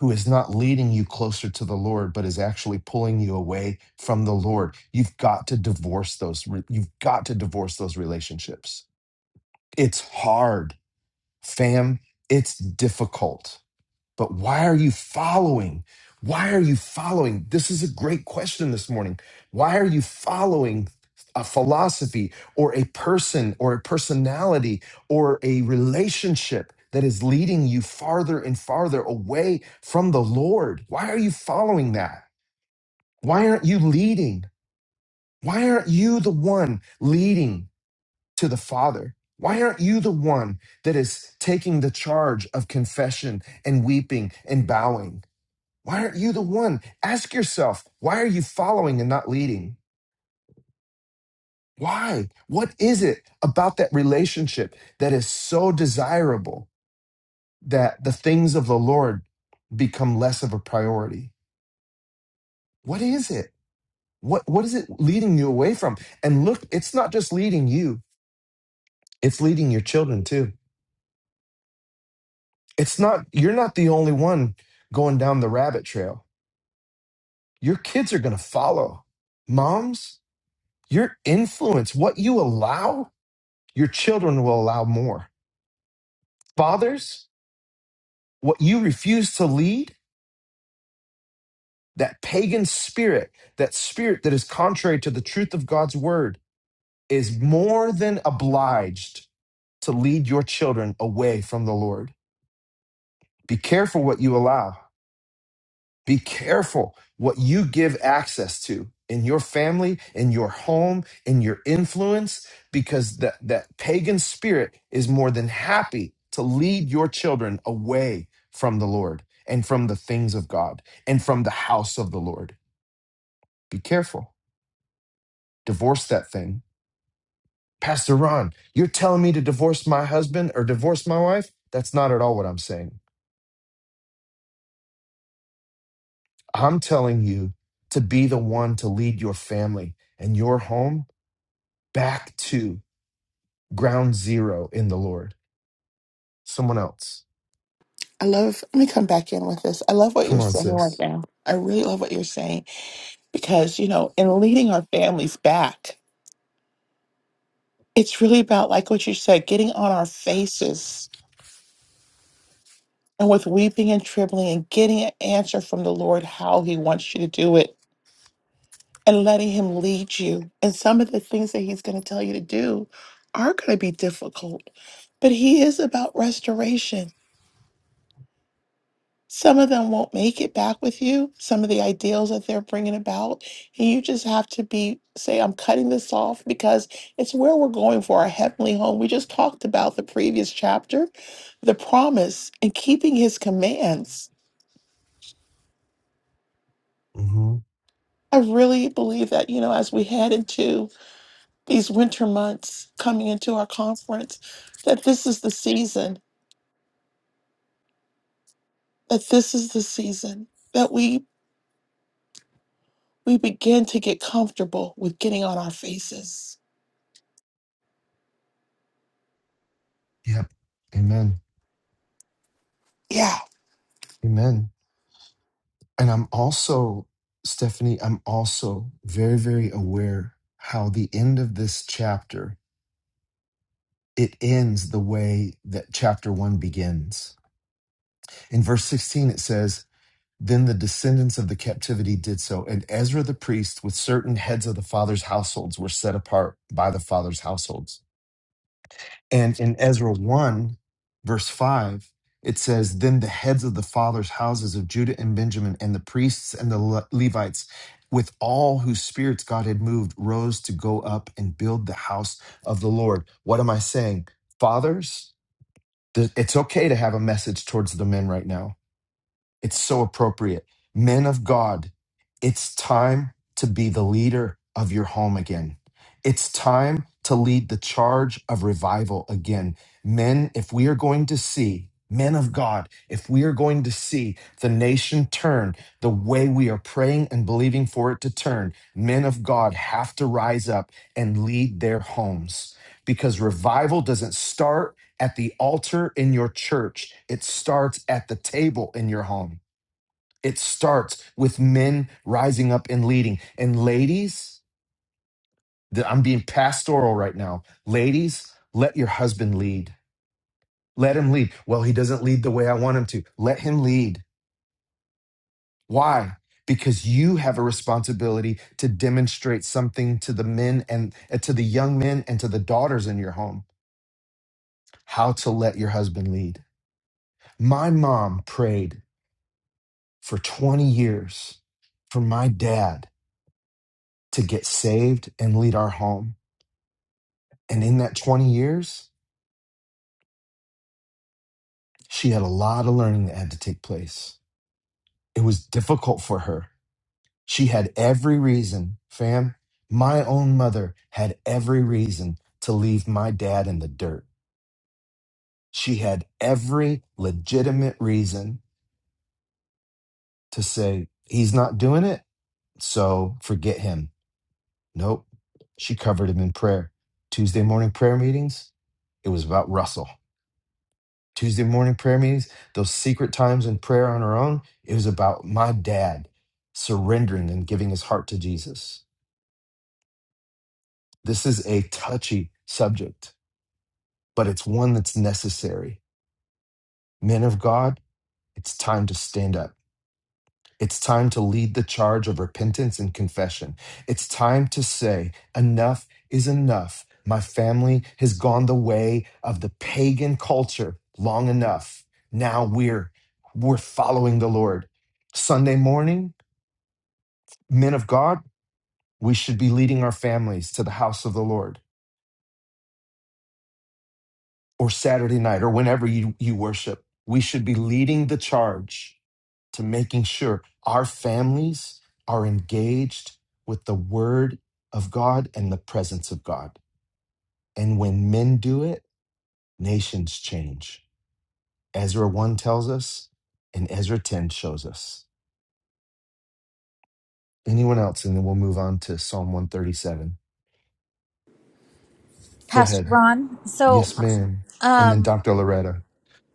who is not leading you closer to the Lord, but is actually pulling you away from the Lord. You've got to divorce those. re- You've got to divorce those relationships. It's hard, fam. It's difficult. But why are you following? Why are you following? This is a great question this morning. Why are you following a philosophy or a person or a personality or a relationship that is leading you farther and farther away from the Lord? Why are you following that? Why aren't you leading? Why aren't you the one leading to the Father? Why aren't you the one that is taking the charge of confession and weeping and bowing? Why aren't you the one? Ask yourself, why are you following and not leading? Why? What is it about that relationship that is so desirable that the things of the Lord become less of a priority? What is it? What what is it leading you away from? And look, it's not just leading you, it's leading your children too. It's not you're not the only one going down the rabbit trail. Your kids are going to follow. Moms, your influence, what you allow your children will allow more. Fathers, what you refuse to lead, that pagan spirit, that spirit that is contrary to the truth of God's word, is more than obliged to lead your children away from the Lord. Be careful what you allow Be careful what you give access to in your family, in your home, in your influence, because that, that pagan spirit is more than happy to lead your children away from the Lord and from the things of God and from the house of the Lord. Be careful. Divorce that thing. Pastor Ron, you're telling me to divorce my husband or divorce my wife? That's not at all what I'm saying. I'm telling you to be the one to lead your family and your home back to ground zero in the Lord. Someone else. I love, let me come back in with this. I love what Come you're on, saying right sis. now. I really love what you're saying because you know in leading our families back it's really about like what you said getting on our faces and with weeping and trembling and getting an answer from the lord how he wants you to do it and letting him lead you and some of the things that he's going to tell you to do are going to be difficult but he is about restoration Some of them won't make it back with you, some of the ideals that they're bringing about. And you just have to be, say, I'm cutting this off because it's where we're going for our heavenly home. We just talked about the previous chapter, the promise and keeping his commands. hmm I really believe that, you know, as we head into these winter months coming into our conference, that this is the season, that this is the season that we we begin to get comfortable with getting on our faces. Yep. Amen. Yeah Amen. And I'm also, Stephanie, I'm also very, very aware how the end of this chapter, it ends the way that chapter one begins. In verse 16, it says, then the descendants of the captivity did so, and Ezra the priest, with certain heads of the father's households, were set apart by the father's households. And in Ezra 1, verse 5, it says, Then the heads of the fathers' houses of Judah and Benjamin, and the priests and the Le- Levites, with all whose spirits God had moved, rose to go up and build the house of the Lord. What am I saying? Fathers, th- it's okay to have a message towards the men right now it's so appropriate. Men of God, it's time to be the leader of your home again. It's time to lead the charge of revival again. Men, if we are going to see, men of God, if we are going to see the nation turn the way we are praying and believing for it to turn, men of God have to rise up and lead their homes because revival doesn't start at the altar in your church. It starts at the table in your home. It starts with men rising up and leading. And ladies, th- I'm being pastoral right now. Ladies, let your husband lead. Let him lead. Well, he doesn't lead the way I want him to. Let him lead. Why? Because you have a responsibility to demonstrate something to the men and uh, to the young men and to the daughters in your home how to let your husband lead. My mom prayed for 20 years for my dad to get saved and lead our home. And in that 20 years, she had a lot of learning that had to take place. It was difficult for her. She had every reason, fam. My own mother had every reason to leave my dad in the dirt. She had every legitimate reason to say, he's not doing it, so forget him. Nope. She covered him in prayer. Tuesday morning prayer meetings, it was about Russell. Tuesday morning prayer meetings, those secret times in prayer on her own, it was about my dad surrendering and giving his heart to Jesus. This is a touchy subject, but it's one that's necessary. Men of God, it's time to stand up. It's time to lead the charge of repentance and confession. It's time to say, enough is enough. My family has gone the way of the pagan culture long enough. Now we're we're following the Lord. Sunday morning, men of God, we should be leading our families to the house of the Lord. or Saturday night or whenever you, you worship, we should be leading the charge to making sure our families are engaged with the word of God and the presence of God. And when men do it, nations change. Ezra 1 tells us, and Ezra 10 shows us. Anyone else? And then we'll move on to Psalm 137. Go pastor ahead. ron so Yes, ma'am. And then um Dr. Loretta.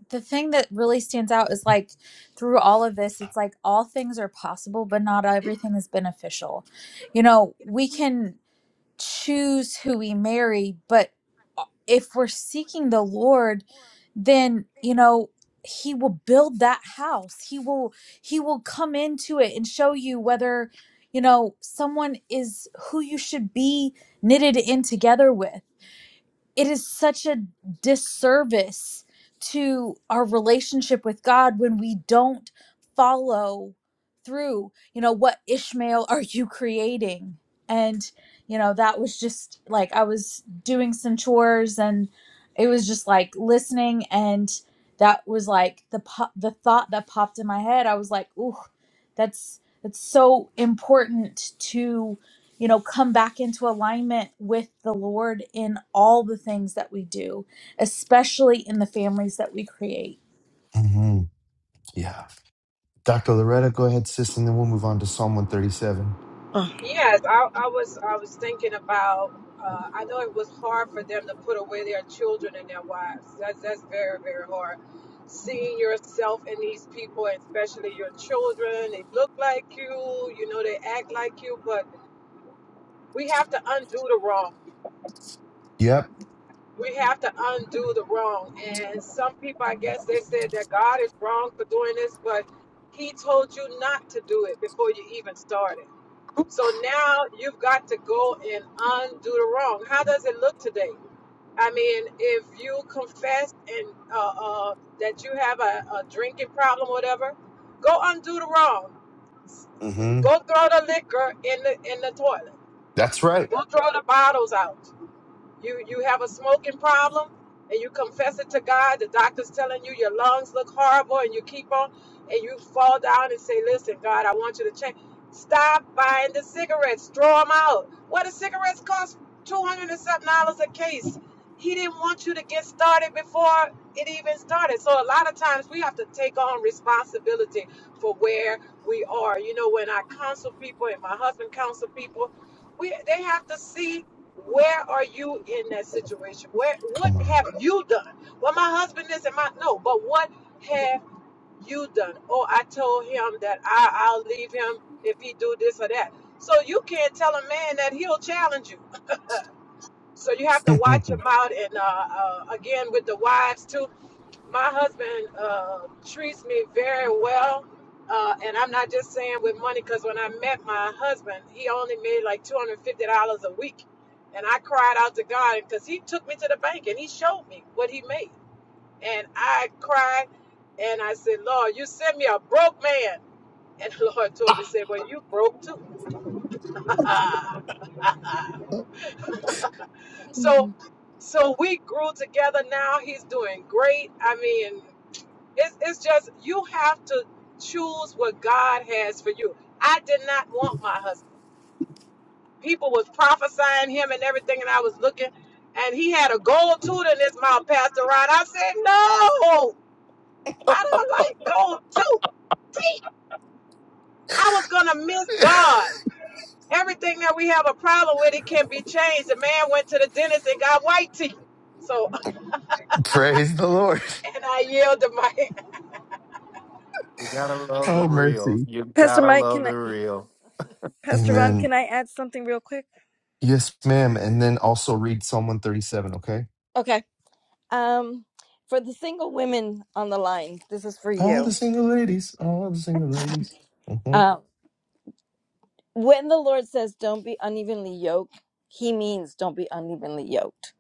the thing that really stands out is like through all of this it's like all things are possible but not everything is beneficial you know we can choose who we marry but if we're seeking the lord then you know he will build that house he will he will come into it and show you whether you know someone is who you should be knitted in together with it is such a disservice to our relationship with God when we don't follow through. You know, what Ishmael are you creating? And, you know, that was just like I was doing some chores and it was just like listening and that was like the po- the thought that popped in my head. I was like, "Ooh, that's that's so important to." you know, come back into alignment with the Lord in all the things that we do, especially in the families that we create hmm Yeah. Dr. Loretta, go ahead, sis, and then we'll move on to Psalm 137. Oh. Yes, I, I was I was thinking about. Uh, I know it was hard for them to put away their children and their wives. That's that's very very hard. Seeing yourself in these people, especially your children, they look like you. You know they act like you, but we have to undo the wrong. Yep. We have to undo the wrong. And some people, I guess, they said that God is wrong for doing this, but He told you not to do it before you even started. So now you've got to go and undo the wrong. How does it look today? I mean, if you confess and uh, uh, that you have a, a drinking problem, or whatever, go undo the wrong. hmm Go throw the liquor in the in the toilet. That's right. Go throw the bottles out you you have a smoking problem and you confess it to God, the doctor's telling you your lungs look horrible and you keep on and you fall down and say, "Listen, God, I want you to change. Stop buying the cigarettes. Throw them out. What do cigarettes cost? Two hundred and something dollars a case. He didn't want you to get started before it even started. So a lot of times we have to take on responsibility for where we are. You know, when I counsel people and my husband counsel people, we they have to see where are you in that situation? Where what Come on. have you done? Well, my husband is and my no, but what have you done? Oh, I told him that I, I'll leave him if he do this or that. So you can't tell a man that he'll challenge you. So you have to watch <laughs> him out. And uh, uh, again, with the wives too, my husband uh, treats me very well. Uh, and I'm not just saying with money, because when I met my husband, he only made like $250 a week. And I cried out to God because he took me to the bank and he showed me what he made. And I cried and I said, Lord, you sent me a broke man. And <laughs> the Lord told me, said, well, you broke too. <laughs> so so we grew together now. He's doing great. I mean, It's, it's just you have to choose what God has for you. I did not want my husband. People was prophesying him and everything, and I was looking, and he had a gold tooth in his mouth, Pastor Rod. I said, No, I don't like gold tooth. teeth. I was gonna miss God. Everything that we have a problem with, it can be changed. The man went to the dentist and got white teeth. So, <laughs> Praise the Lord. and I yielded my Oh, mercy. You got Pastor Mike, can I, real. Pastor Ron, Amen. can I add something real quick? Yes, ma'am. And then also read Psalm 137, okay? Okay. Um, for the single women on the line, this is for All the you. single ladies, all the single ladies. hmm Um, when the Lord says, "Don't be unevenly yoked," He means don't be unevenly yoked.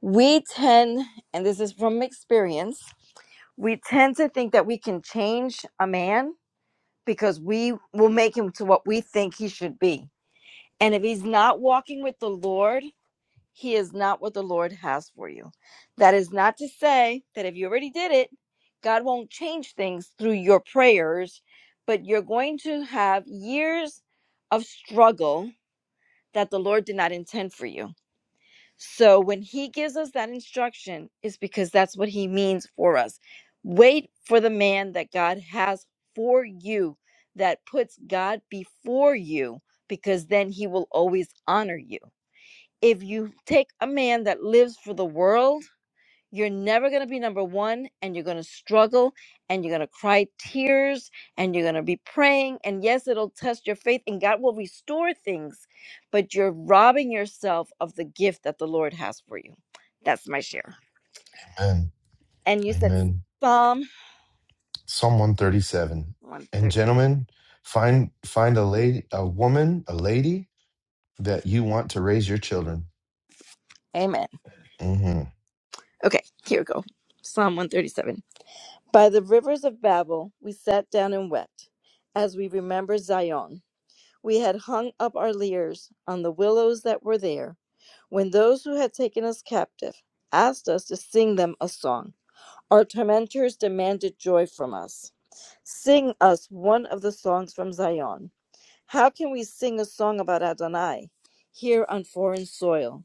We tend, and this is from experience, we tend to think that we can change a man because we will make him to what we think he should be. And if he's not walking with the Lord, he is not what the Lord has for you. That is not to say that if you already did it, God won't change things through your prayers, but you're going to have years of struggle that the Lord did not intend for you. So when he gives us that instruction, it's because that's what he means for us. Wait for the man that God has for you, that puts God before you, because then he will always honor you if you take a man that lives for the world, you're never going to be number one and you're going to struggle and you're going to cry tears and you're going to be praying. And yes, it'll test your faith and God will restore things, but you're robbing yourself of the gift that the Lord has for you. That's my share. Amen. And you said Amen. Psalm Psalm 137. And 130. gentlemen, find find a lady, a woman, a lady that you want to raise your children. Amen. hmm Okay, here we go. Psalm 137. By the rivers of Babel, we sat down and wept as we remember Zion. We had hung up our leers on the willows that were there, when those who had taken us captive asked us to sing them a song. Our tormentors demanded joy from us. Sing us one of the songs from Zion. How can we sing a song about Adonai here on foreign soil?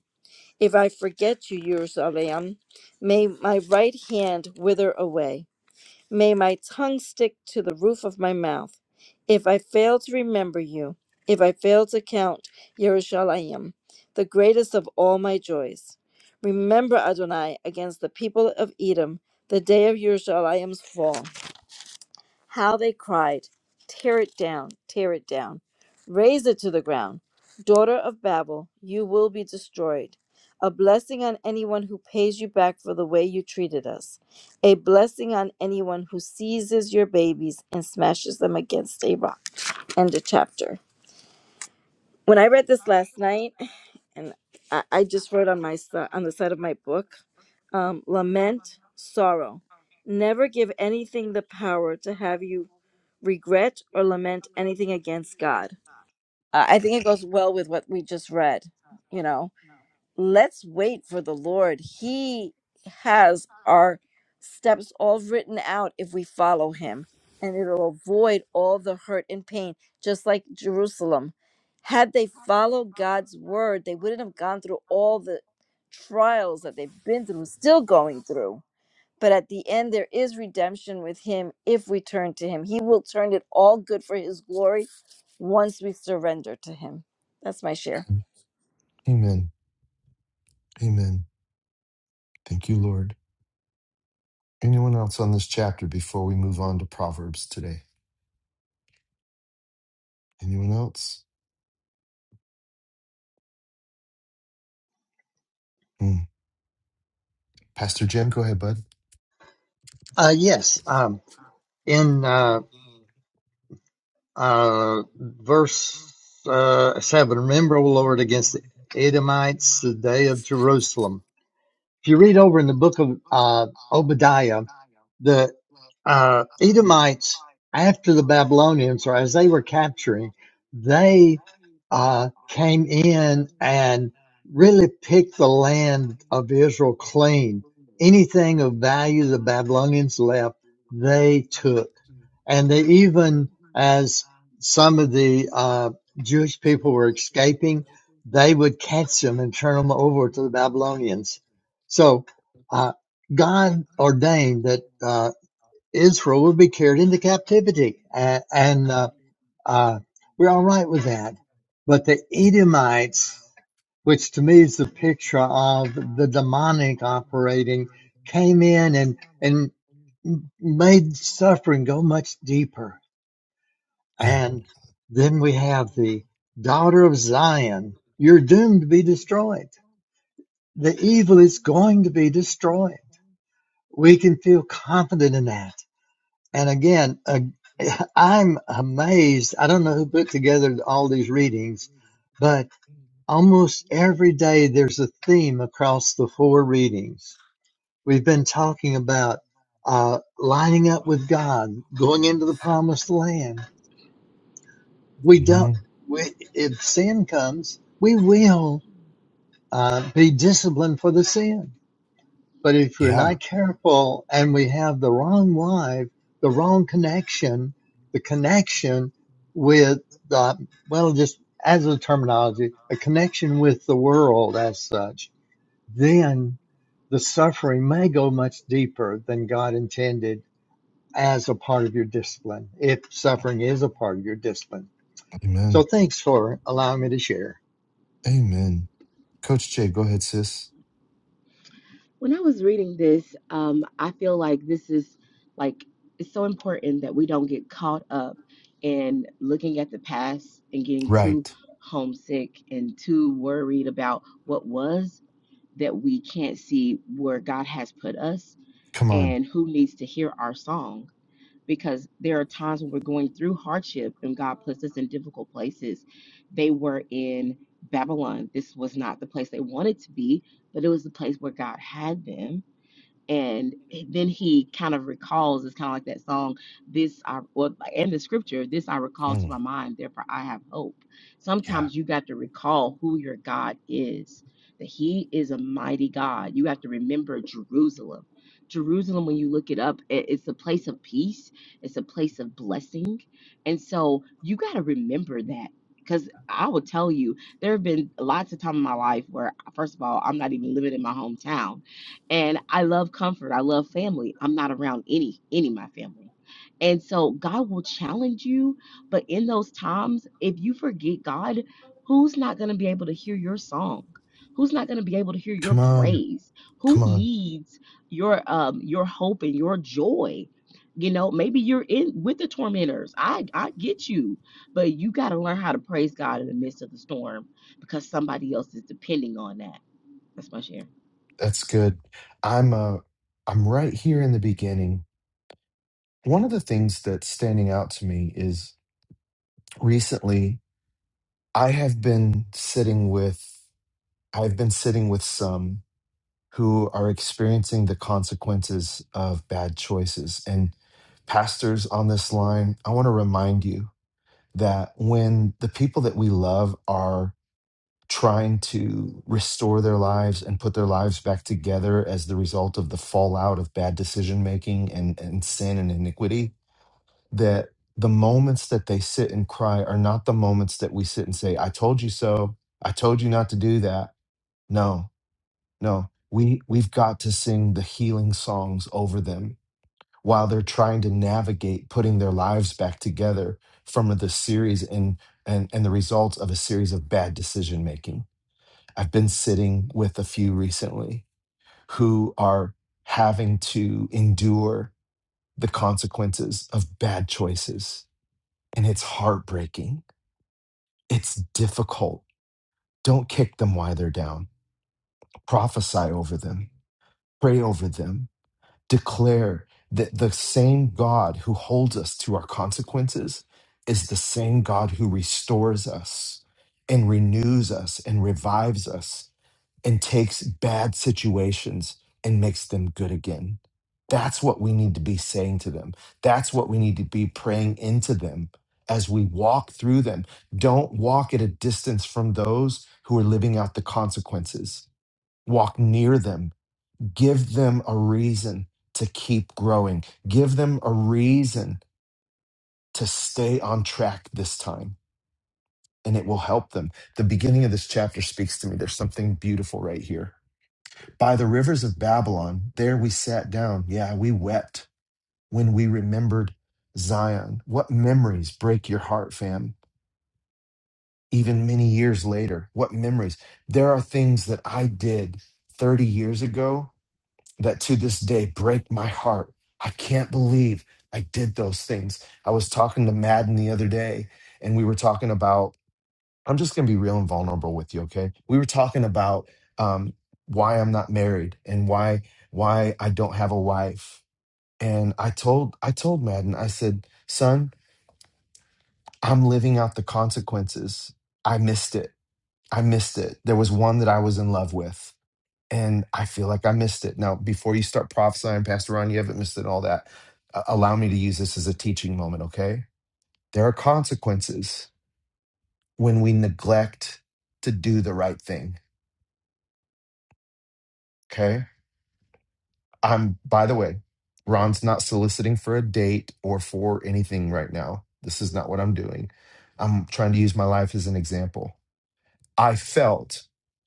If I forget you, Jerusalem, may my right hand wither away. May my tongue stick to the roof of my mouth. If I fail to remember you, if I fail to count Yerushalayim, the greatest of all my joys. Remember Adonai against the people of Edom, the day of Yerushalayim's fall. How they cried, Tear it down, tear it down, raise it to the ground. Daughter of Babel, you will be destroyed. A blessing on anyone who pays you back for the way you treated us. A blessing on anyone who seizes your babies and smashes them against a rock. End of chapter. When I read this last night, and I, I just wrote on my si- on the side of my book, um, lament, sorrow. Never give anything the power to have you regret or lament anything against God. Uh, I think it goes well with what we just read. You know, let's wait for the Lord. He has our steps all written out if we follow Him, and it'll avoid all the hurt and pain, just like Jerusalem. Had they followed God's word, they wouldn't have gone through all the trials that they've been through, still going through. But at the end, there is redemption with him if we turn to him. He will turn it all good for his glory once we surrender to him. That's my share. Amen. Amen. Thank you, Lord. Anyone else on this chapter before we move on to Proverbs today? Anyone else? Mm. Pastor Jim, go ahead, bud. Uh, yes, um, in uh, uh, verse uh, 7, remember, O Lord, against the Edomites, the day of Jerusalem. If you read over in the book of uh, Obadiah, the uh, Edomites after the Babylonians, or as they were capturing, they uh, came in and really picked the land of Israel clean. Anything of value the Babylonians left, they took. And they even, as some of the uh, Jewish people were escaping, they would catch them and turn them over to the Babylonians. So uh, God ordained that. uh, Israel would be carried into captivity, and, and uh, uh, we're all right with that. But the Edomites, which to me is the picture of the demonic operating, came in and and made suffering go much deeper. Yeah. And then we have the daughter of Zion. You're doomed to be destroyed. The evil is going to be destroyed. We can feel confident in that And again, uh, <laughs> I'm amazed. I don't know who put together all these readings, but almost every day there's a theme across the four readings. We've been talking about uh, lining up with God, going into the promised land. We don't, hmm we, if sin comes, we will uh, be disciplined for the sin But if we're Yeah. not careful and we have the wrong wife, the wrong connection, the connection with the, well, just as a terminology, a connection with the world as such, then the suffering may go much deeper than God intended as a part of your discipline, if suffering is a part of your discipline. So Amen. thanks for allowing me to share. Amen. Coach Jay, go ahead, sis. When I was reading this, um, I feel like this is like it's so important that we don't get caught up in looking at the past and getting too Right. homesick and too worried about what was that we can't see where God has put us Come on. and who needs to hear our song. Because there are times when we're going through hardship and God puts us in difficult places. They were in Babylon. This was not the place they wanted to be, but it was the place where God had them and then he kind of recalls it's kind of like that song this i well and the scripture this i recall to Mm. my mind therefore i have hope Yeah. sometimes you got to recall who your god is that he is a mighty god you have to remember jerusalem jerusalem when you look it up i- it's a place of peace it's a place of blessing and so you got to remember that because I will tell you, there have been lots of time in my life where, first of all, I'm not even living in my hometown and I love comfort. I love family. I'm not around any any of my family. And so God will challenge you, but in those times, if you forget God, who's not going to be able to hear your song? Who's not going to be able to hear your Come on. praise? Who Come on. needs your um your hope and your joy? You know, maybe you're in with the tormentors. I I get you, but you got to learn how to praise God in the midst of the storm because somebody else is depending on that. That's my share. That's good. I'm uh I'm right here in the beginning. One of the things that's standing out to me is recently I have been sitting with I've been sitting with some who are experiencing the consequences of bad choices. And pastors on this line, I want to remind you that when the people that we love are trying to restore their lives and put their lives back together as the result of the fallout of bad decision making and, and sin and iniquity, that the moments that they sit and cry are not the moments that we sit and say, I told you so. I told you not to do that. No, no. We we've got to sing the healing songs over them while they're trying to navigate putting their lives back together from the series and and and the results of a series of bad decision making. I've been sitting with a few recently who are having to endure the consequences of bad choices and it's heartbreaking. It's difficult. Don't kick them while they're down. Prophesy over them. Pray over them declare that the same God who holds us to our consequences is the same God who restores us and renews us and revives us and takes bad situations and makes them good again. That's what we need to be saying to them. That's what we need to be praying into them as we walk through them. Don't walk at a distance from those who are living out the consequences. Walk near them Give them a reason to keep growing. Give them a reason to stay on track this time, and it will help them. The beginning of this chapter speaks to me. There's something beautiful right here. By the rivers of Babylon, there we sat down. Yeah, we wept when we remembered Zion. What memories break your heart, fam? Even many years later, what memories? There are things that I did 30 years ago that to this day break my heart. I can't believe I did those things. I was talking to Madden the other day, and we were talking about, I'm just going to be real and vulnerable with you, okay? We were talking about um, why I'm not married and why why I don't have a wife. And I told I told Madden, I said, son, I'm living out the consequences. I missed it. I missed it. There was one that I was in love with and I feel like I missed it. Now, before you start prophesying, Pastor Ron, you haven't missed it, and all that. a- Allow me to use this as a teaching moment, okay? There are consequences when we neglect to do the right thing, okay? I'm, by the way, Ron's not soliciting for a date or for anything right now. This is not what I'm doing. I'm trying to use my life as an example. I felt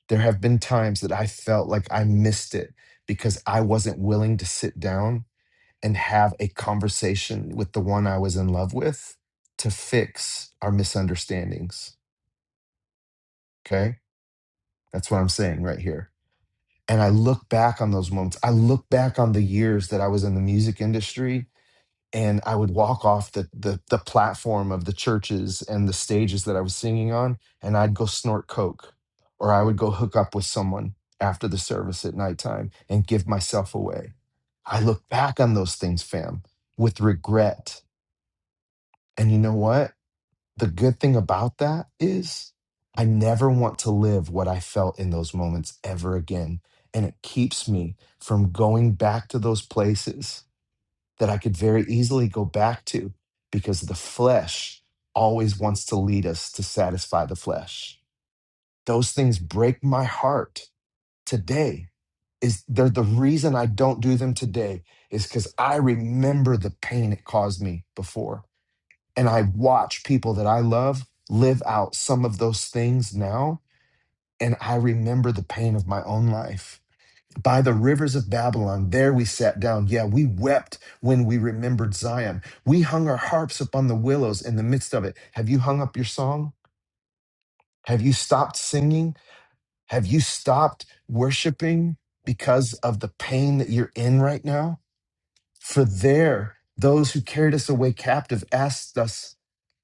there have been times that I felt like I missed it because I wasn't willing to sit down and have a conversation with the one I was in love with to fix our misunderstandings. Okay. That's what I'm saying right here. And I look back on those moments. I look back on the years that I was in the music industry and I would walk off the, the, the platform of the churches and the stages that I was singing on, and I'd go snort Coke or I would go hook up with someone after the service at nighttime and give myself away. I look back on those things, fam, with regret And you know what? The good thing about that is I never want to live what I felt in those moments ever again. And it keeps me from going back to those places that I could very easily go back to because the flesh always wants to lead us to satisfy the flesh. Those things break my heart today. Is they're the reason I don't do them today is because I remember the pain it caused me before and I watch people that I love live out some of those things now. And I remember the pain of my own life. By the rivers of Babylon, there we sat down. Yeah, we wept when we remembered Zion. We hung our harps upon the willows in the midst of it. Have you hung up your song? Have you stopped singing? Have you stopped worshiping because of the pain that you're in right now? For there, those who carried us away captive asked us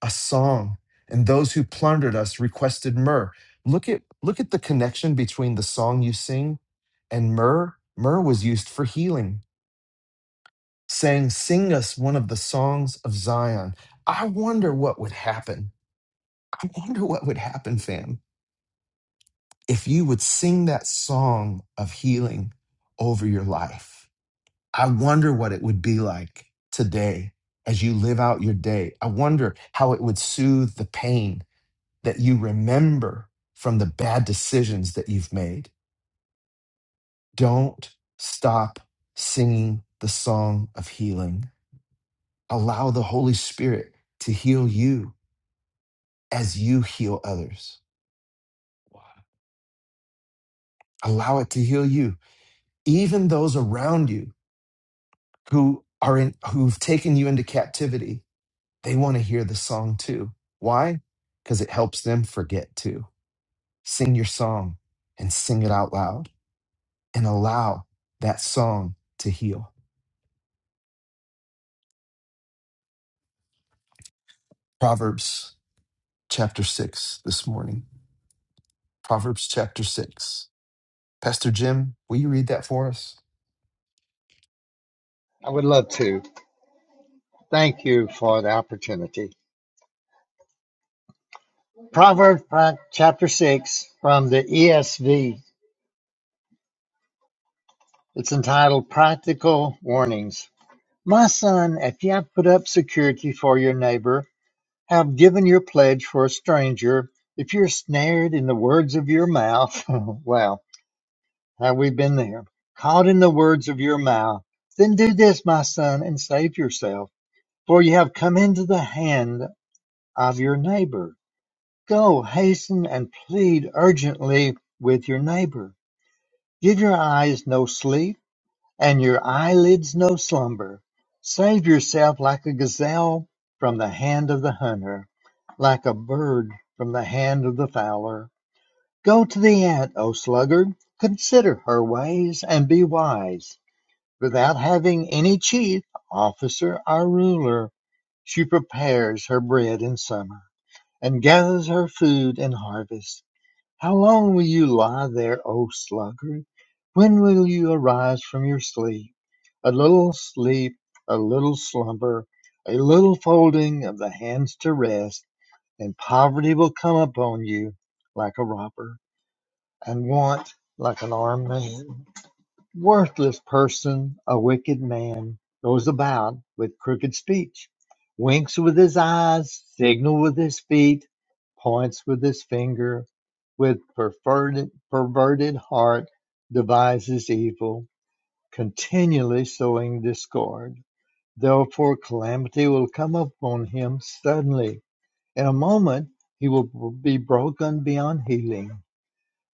a song, and those who plundered us requested myrrh. Look at look at the connection between the song you sing and myrrh. Myrrh was used for healing, saying, "Sing us one of the songs of Zion." I wonder what would happen. I wonder what would happen, fam, if you would sing that song of healing over your life I wonder what it would be like today as you live out your day. I wonder how it would soothe the pain that you remember from the bad decisions that you've made. Don't stop singing the song of healing. Allow the Holy Spirit to heal you as you heal others. Wow. Allow it to heal you, even those around you who are in who've taken you into captivity they want to hear the song too. Why? Because it helps them forget too. Sing your song and sing it out loud and allow that song to heal. Proverbs chapter 6 this morning. Proverbs chapter 6. Pastor Jim, will you read that for us? I would love to. Thank you for the opportunity. Proverbs chapter 6 from the ESV. It's entitled Practical Warnings. My son, if you have put up security for your neighbor, have given your pledge for a stranger, if you're snared in the words of your mouth, <laughs> well, have we been there? Caught in the words of your mouth, then do this, my son, and save yourself, for you have come into the hand of your neighbor. Go, hasten, and plead urgently with your neighbor Give your eyes no sleep, and your eyelids no slumber. Save yourself like a gazelle from the hand of the hunter, like a bird from the hand of the fowler. Go to the ant, O sluggard, consider her ways and be wise. Without having any chief, officer, or ruler, she prepares her bread in summer and gathers her food in harvest. How long will you lie there, O sluggard? When will you arise from your sleep? A little sleep, a little slumber, a little folding of the hands to rest, and poverty will come upon you like a robber, and want like an armed man worthless person, a wicked man, goes about with crooked speech, winks with his eyes, signal with his feet, points with his finger, with perverted, perverted heart devises evil, continually sowing discord. Therefore, calamity will come upon him suddenly. In a moment, he will be broken beyond healing.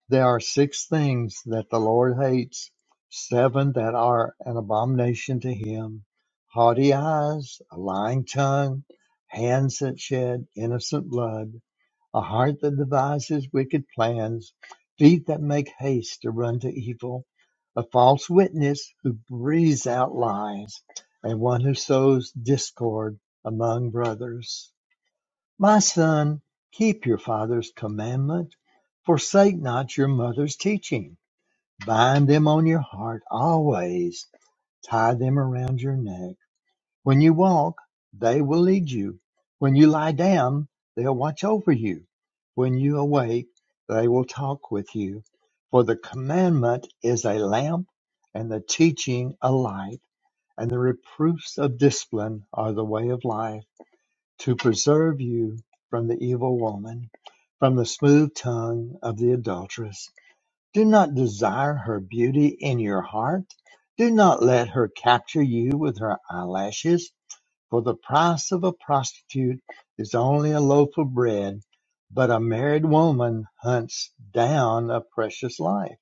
There are six things that the Lord hates, seven that are an abomination to him haughty eyes, a lying tongue, hands that shed innocent blood, a heart that devises wicked plans, feet that make haste to run to evil, a false witness who breathes out lies, and one who sows discord among brothers. My son, keep your father's commandment, forsake not your mother's teaching. Bind them on your heart always, tie them around your neck. When you walk, they will lead you. When you lie down, they'll watch over you. When you awake, they will talk with you. For the commandment is a lamp, and the teaching a light, and the reproofs of discipline are the way of life to preserve you from the evil woman, from the smooth tongue of the adulteress. Do not desire her beauty in your heart. Do not let her capture you with her eyelashes, for the price of a prostitute is only a loaf of bread, but a married woman hunts down a precious life.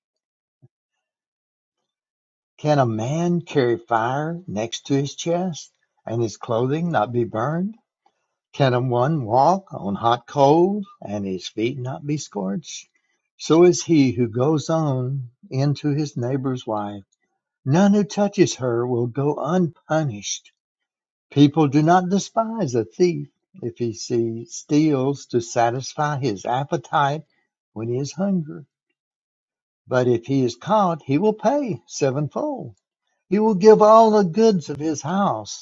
Can a man carry fire next to his chest and his clothing not be burned? Can one walk on hot coals and his feet not be scorched? So is he who goes on into his neighbor's wife. None who touches her will go unpunished. People do not despise a thief if he see- steals to satisfy his appetite when he is hungry. But if he is caught, he will pay sevenfold. He will give all the goods of his house.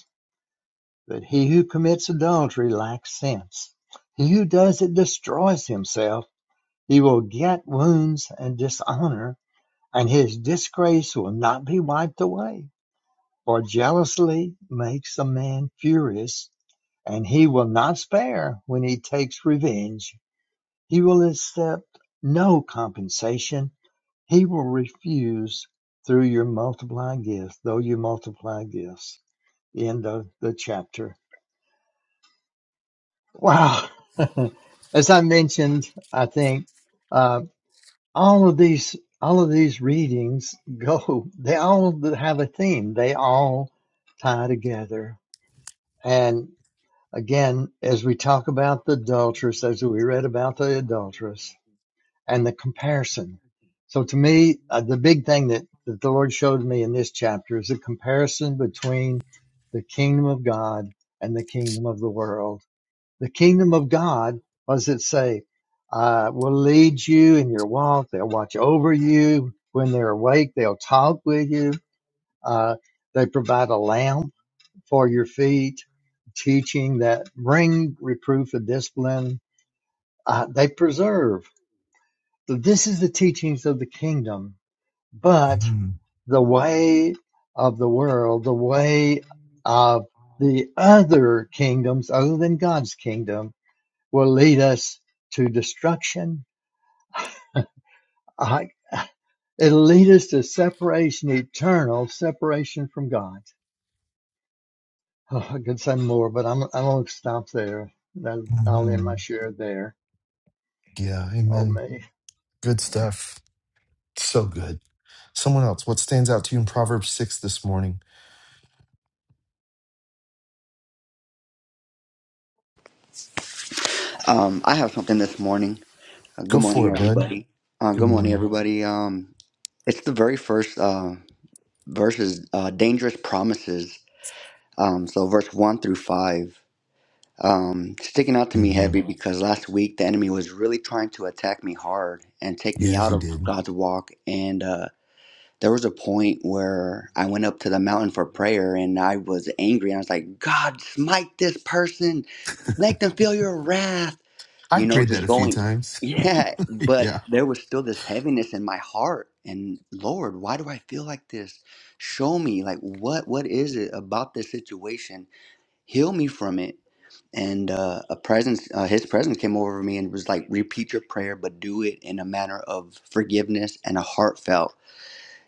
But he who commits adultery lacks sense; he who does it destroys himself; he will get wounds and dishonor, and his disgrace will not be wiped away. For jealousy makes a man furious, and he will not spare when he takes revenge. He will accept no compensation. He will refuse through your multiply gifts, though you multiply gifts. End of the chapter. Wow. <laughs> As I mentioned, I think uh, all of these all of these readings go. <laughs> They all have a theme. They all tie together. And again, as we talk about the adulteress, as we read about the adulteress and the comparison. So to me, uh, the big thing that, that the Lord showed me in this chapter is a comparison between the kingdom of God and the kingdom of the world the kingdom of God, what does it say? Uh, will lead you in your walk. They'll watch over you. When they're awake, they'll talk with you. Uh, they provide a lamp for your feet, teaching that bring reproof and discipline. Uh, they preserve. So this is the teachings of the kingdom, but Mhm. the way of the world, the way of the other kingdoms other than God's kingdom will lead us to destruction. I, it'll lead us to separation, eternal separation from God. Oh, I could say more, but I'm I'm gonna stop there. That- I'll end my Mhm. share there. Yeah, Oh amen. me. Good stuff. So good. Someone else, what stands out to you in Proverbs 6 this morning? Um, I have something this morning. Uh, Go good for morning, it, bud. everybody. Uh, Good good morning, morning. everybody. Um, it's the very first uh, verses, uh, dangerous promises. Um, so verse one through five, um, sticking out to me hmm heavy because last week the enemy was really trying to attack me hard and take me Yes, out he of did. God's walk, and uh, there was a point where I went up to the mountain for prayer and I was angry and I was like, God, smite this person, make them feel your wrath, you I've know, prayed that just a few going, times. <laughs> <laughs> yeah. <laughs> But Yeah. there was still this heaviness in my heart. And Lord, why do I feel like this? Show me, like, what what is it about this situation? Heal me from it. And uh, a presence, uh, his presence came over me and was like, repeat your prayer, but do it in a manner of forgiveness and a heartfelt.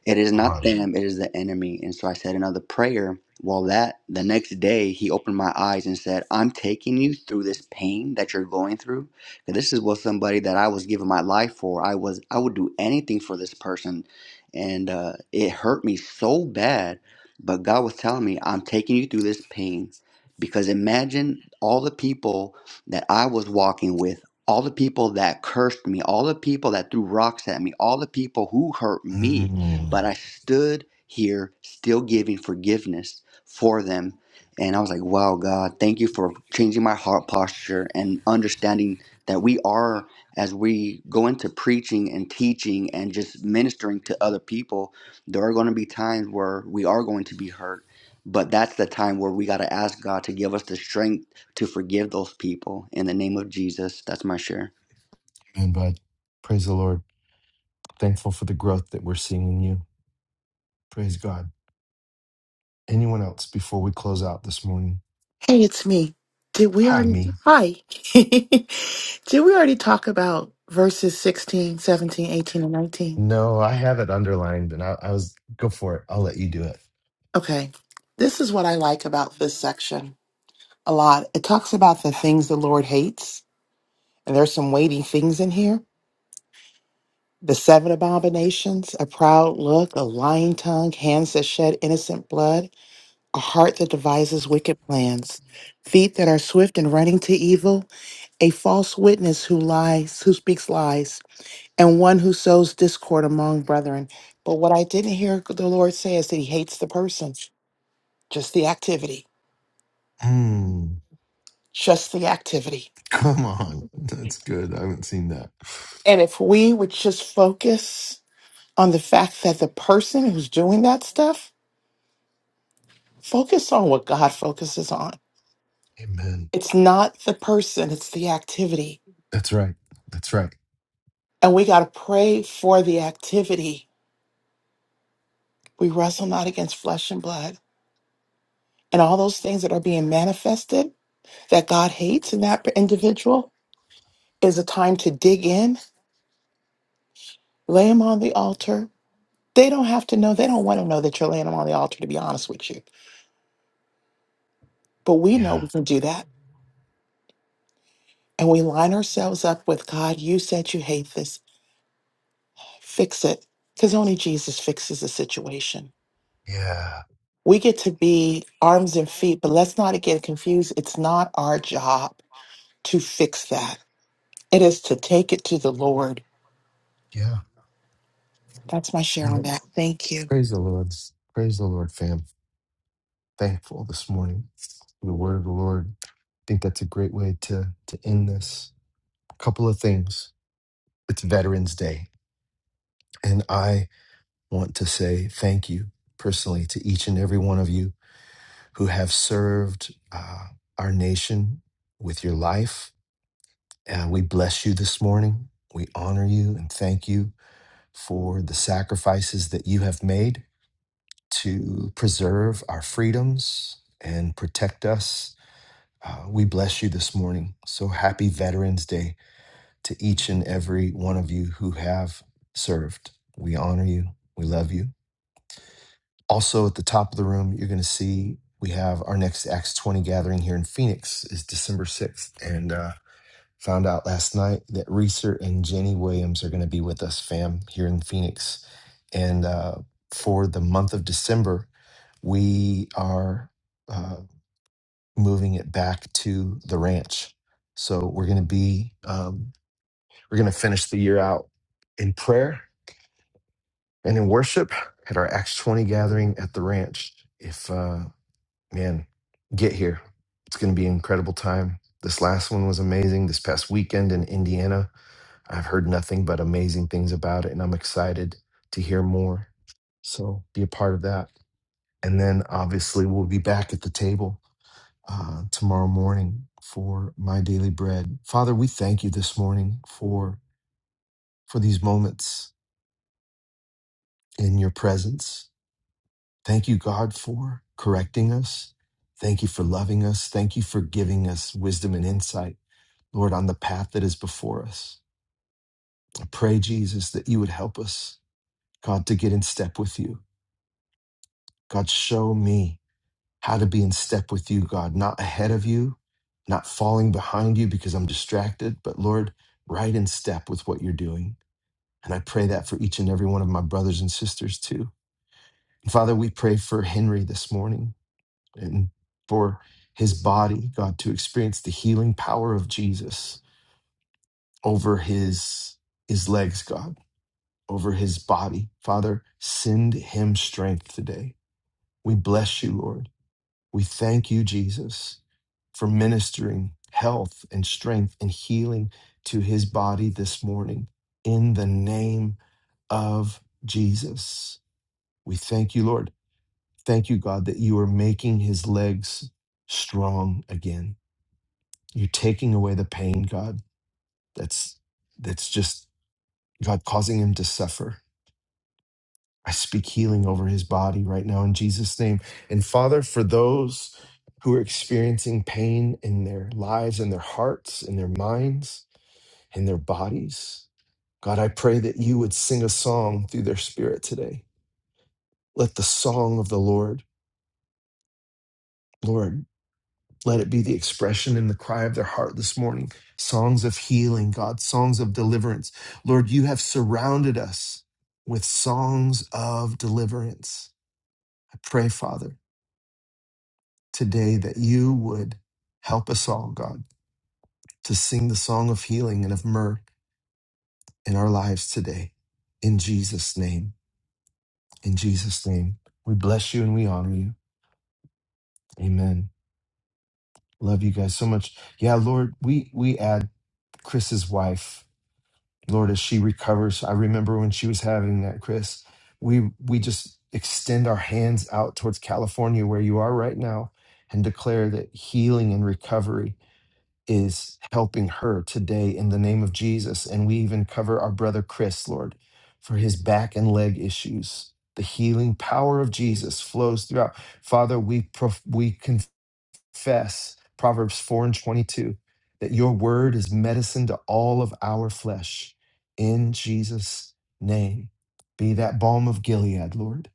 It is not God. them, it is the enemy. And so I said another prayer. Well, that the next day, he opened my eyes and said, I'm taking you through this pain that you're going through. And this is what somebody that I was giving my life for. I was, I would do anything for this person. And uh, it hurt me so bad. But God was telling me, I'm taking you through this pain. Because imagine all the people that I was walking with, all the people that cursed me, all the people that threw rocks at me, all the people who hurt me but Mm. I stood here still giving forgiveness for them. And I was like, wow, God, thank you for changing my heart posture and understanding that we are, as we go into preaching and teaching and just ministering to other people, there are going to be times where we are going to be hurt. But that's the time where we got to ask God to give us the strength to forgive those people in the name of Jesus. That's my share. Amen, bud. Praise the Lord. Thankful for the growth that we're seeing in you. Praise God. Anyone else before we close out this morning? Hey, it's me. Did we Hi, already me. Hi. <laughs> Did we already talk about verses 16, 17, 18, and 19? No, I have it underlined and I, I was, go for it. I'll let you do it. Okay. This is what I like about this section a lot. It talks about the things the Lord hates, and there's some weighty things in here. The seven abominations, a proud look, a lying tongue, hands that shed innocent blood, a heart that devises wicked plans, feet that are swift in running to evil, a false witness who lies, who speaks lies and one who sows discord among brethren. But what I didn't hear the Lord say is that he hates the person, just the activity, Mm, just the activity. <laughs> come on. That's good. I haven't seen that. And if we would just focus on the fact that the person who's doing that stuff, focus on what God focuses on. Amen. It's not the person, it's the activity. That's right. That's right. And we got to pray for the activity. We wrestle not against flesh and blood. And all those things that are being manifested that God hates in that individual, is a time to dig in, lay them on the altar. They don't have to know, they don't want to know that you're laying them on the altar, to be honest with you. But we know Yeah. we can do that. And we line ourselves up with God, you said you hate this, fix it. Because only Jesus fixes the situation. Yeah. We get to be arms and feet, but let's not get confused. It's not our job to fix that, it is to take it to the Lord. Yeah. That's my share on Yep. that. Thank you. Praise the Lord. Praise the Lord, fam. Thankful this morning for the word of the Lord. think that's a great way to to end this. A couple of things. It's Veterans Day, and I want to say thank you personally to each and every one of you who have served uh, our nation with your life. Uh, we bless you this morning. We honor you and thank you for the sacrifices that you have made to preserve our freedoms and protect us. Uh, we bless you this morning. So happy Veterans Day to each and every one of you who have served. We honor you. We love you. Also, at the top of the room, you're going to see we have our next Acts 20 gathering here in Phoenix is December 6th. And uh, found out last night that Reeser and Jenny Williams are going to be with us, fam, here in Phoenix. And uh, for the month of December, we are uh, moving it back to the ranch. So we're going to be um, We're going to finish the year out in prayer and in worship at our Acts 20 gathering at the ranch. If, uh, man, get here. It's going to be an incredible time. This last one was amazing. This past weekend in Indiana, I've heard nothing but amazing things about it, and I'm excited to hear more. So be a part of that. And then obviously, we'll be back at the table uh, tomorrow morning for my daily bread. Father, we thank you this morning for for these moments in your presence. Thank you, God, for correcting us. Thank you for loving us. Thank you for giving us wisdom and insight, Lord, on the path that is before us. I pray, Jesus, that you would help us, God, to get in step with you. God, show me how to be in step with you, God, not ahead of you, not falling behind you because I'm distracted, but Lord, right in step with what you're doing. And I pray that for each and every one of my brothers and sisters too. And Father, we pray for Henry this morning. and for his body, God, to experience the healing power of Jesus over his his legs, God, over his body. Father, send him strength today. We bless you, Lord. We thank you, Jesus, for ministering health and strength and healing to his body this morning in the name of Jesus. We thank you, Lord. Thank you, God, that you are making his legs strong again You're taking away the pain, God. That's that's just God causing him to suffer. I speak healing over his body right now in Jesus' name. And Father, for those who are experiencing pain in their lives, in their hearts, in their minds, in their bodies, God, I pray that you would sing a song through their spirit today. Let the song of the Lord, Lord. Let it be the expression and the cry of their heart this morning. Songs of healing, God, songs of deliverance. Lord, you have surrounded us with songs of deliverance. I pray, Father, today that you would help us all, God, to sing the song of healing and of myrrh in our lives today. In Jesus' name, in Jesus' name, we bless you and we honor you. Amen. Love you guys so much. Yeah, Lord, we we add Chris's wife Lord, as she recovers, I remember when she was having that, Chris, we we just extend our hands out towards California where you are right now and declare that healing and recovery is helping her today in the name of Jesus. And we even cover our brother Chris, Lord, for his back and leg issues. The healing power of Jesus flows throughout. Father, we prof- we confess confess Proverbs 4 and 22 that your word is medicine to all of our flesh. In Jesus' name, be that balm of Gilead, Lord.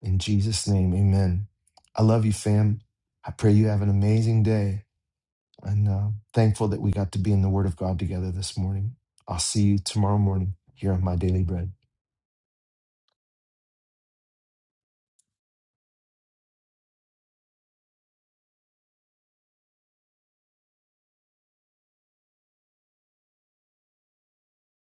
In Jesus' name, amen. I love you, fam. I pray you have an amazing day. And uh, thankful that we got to be in the Word of God together this morning. I'll see you tomorrow morning here on My Daily Bread.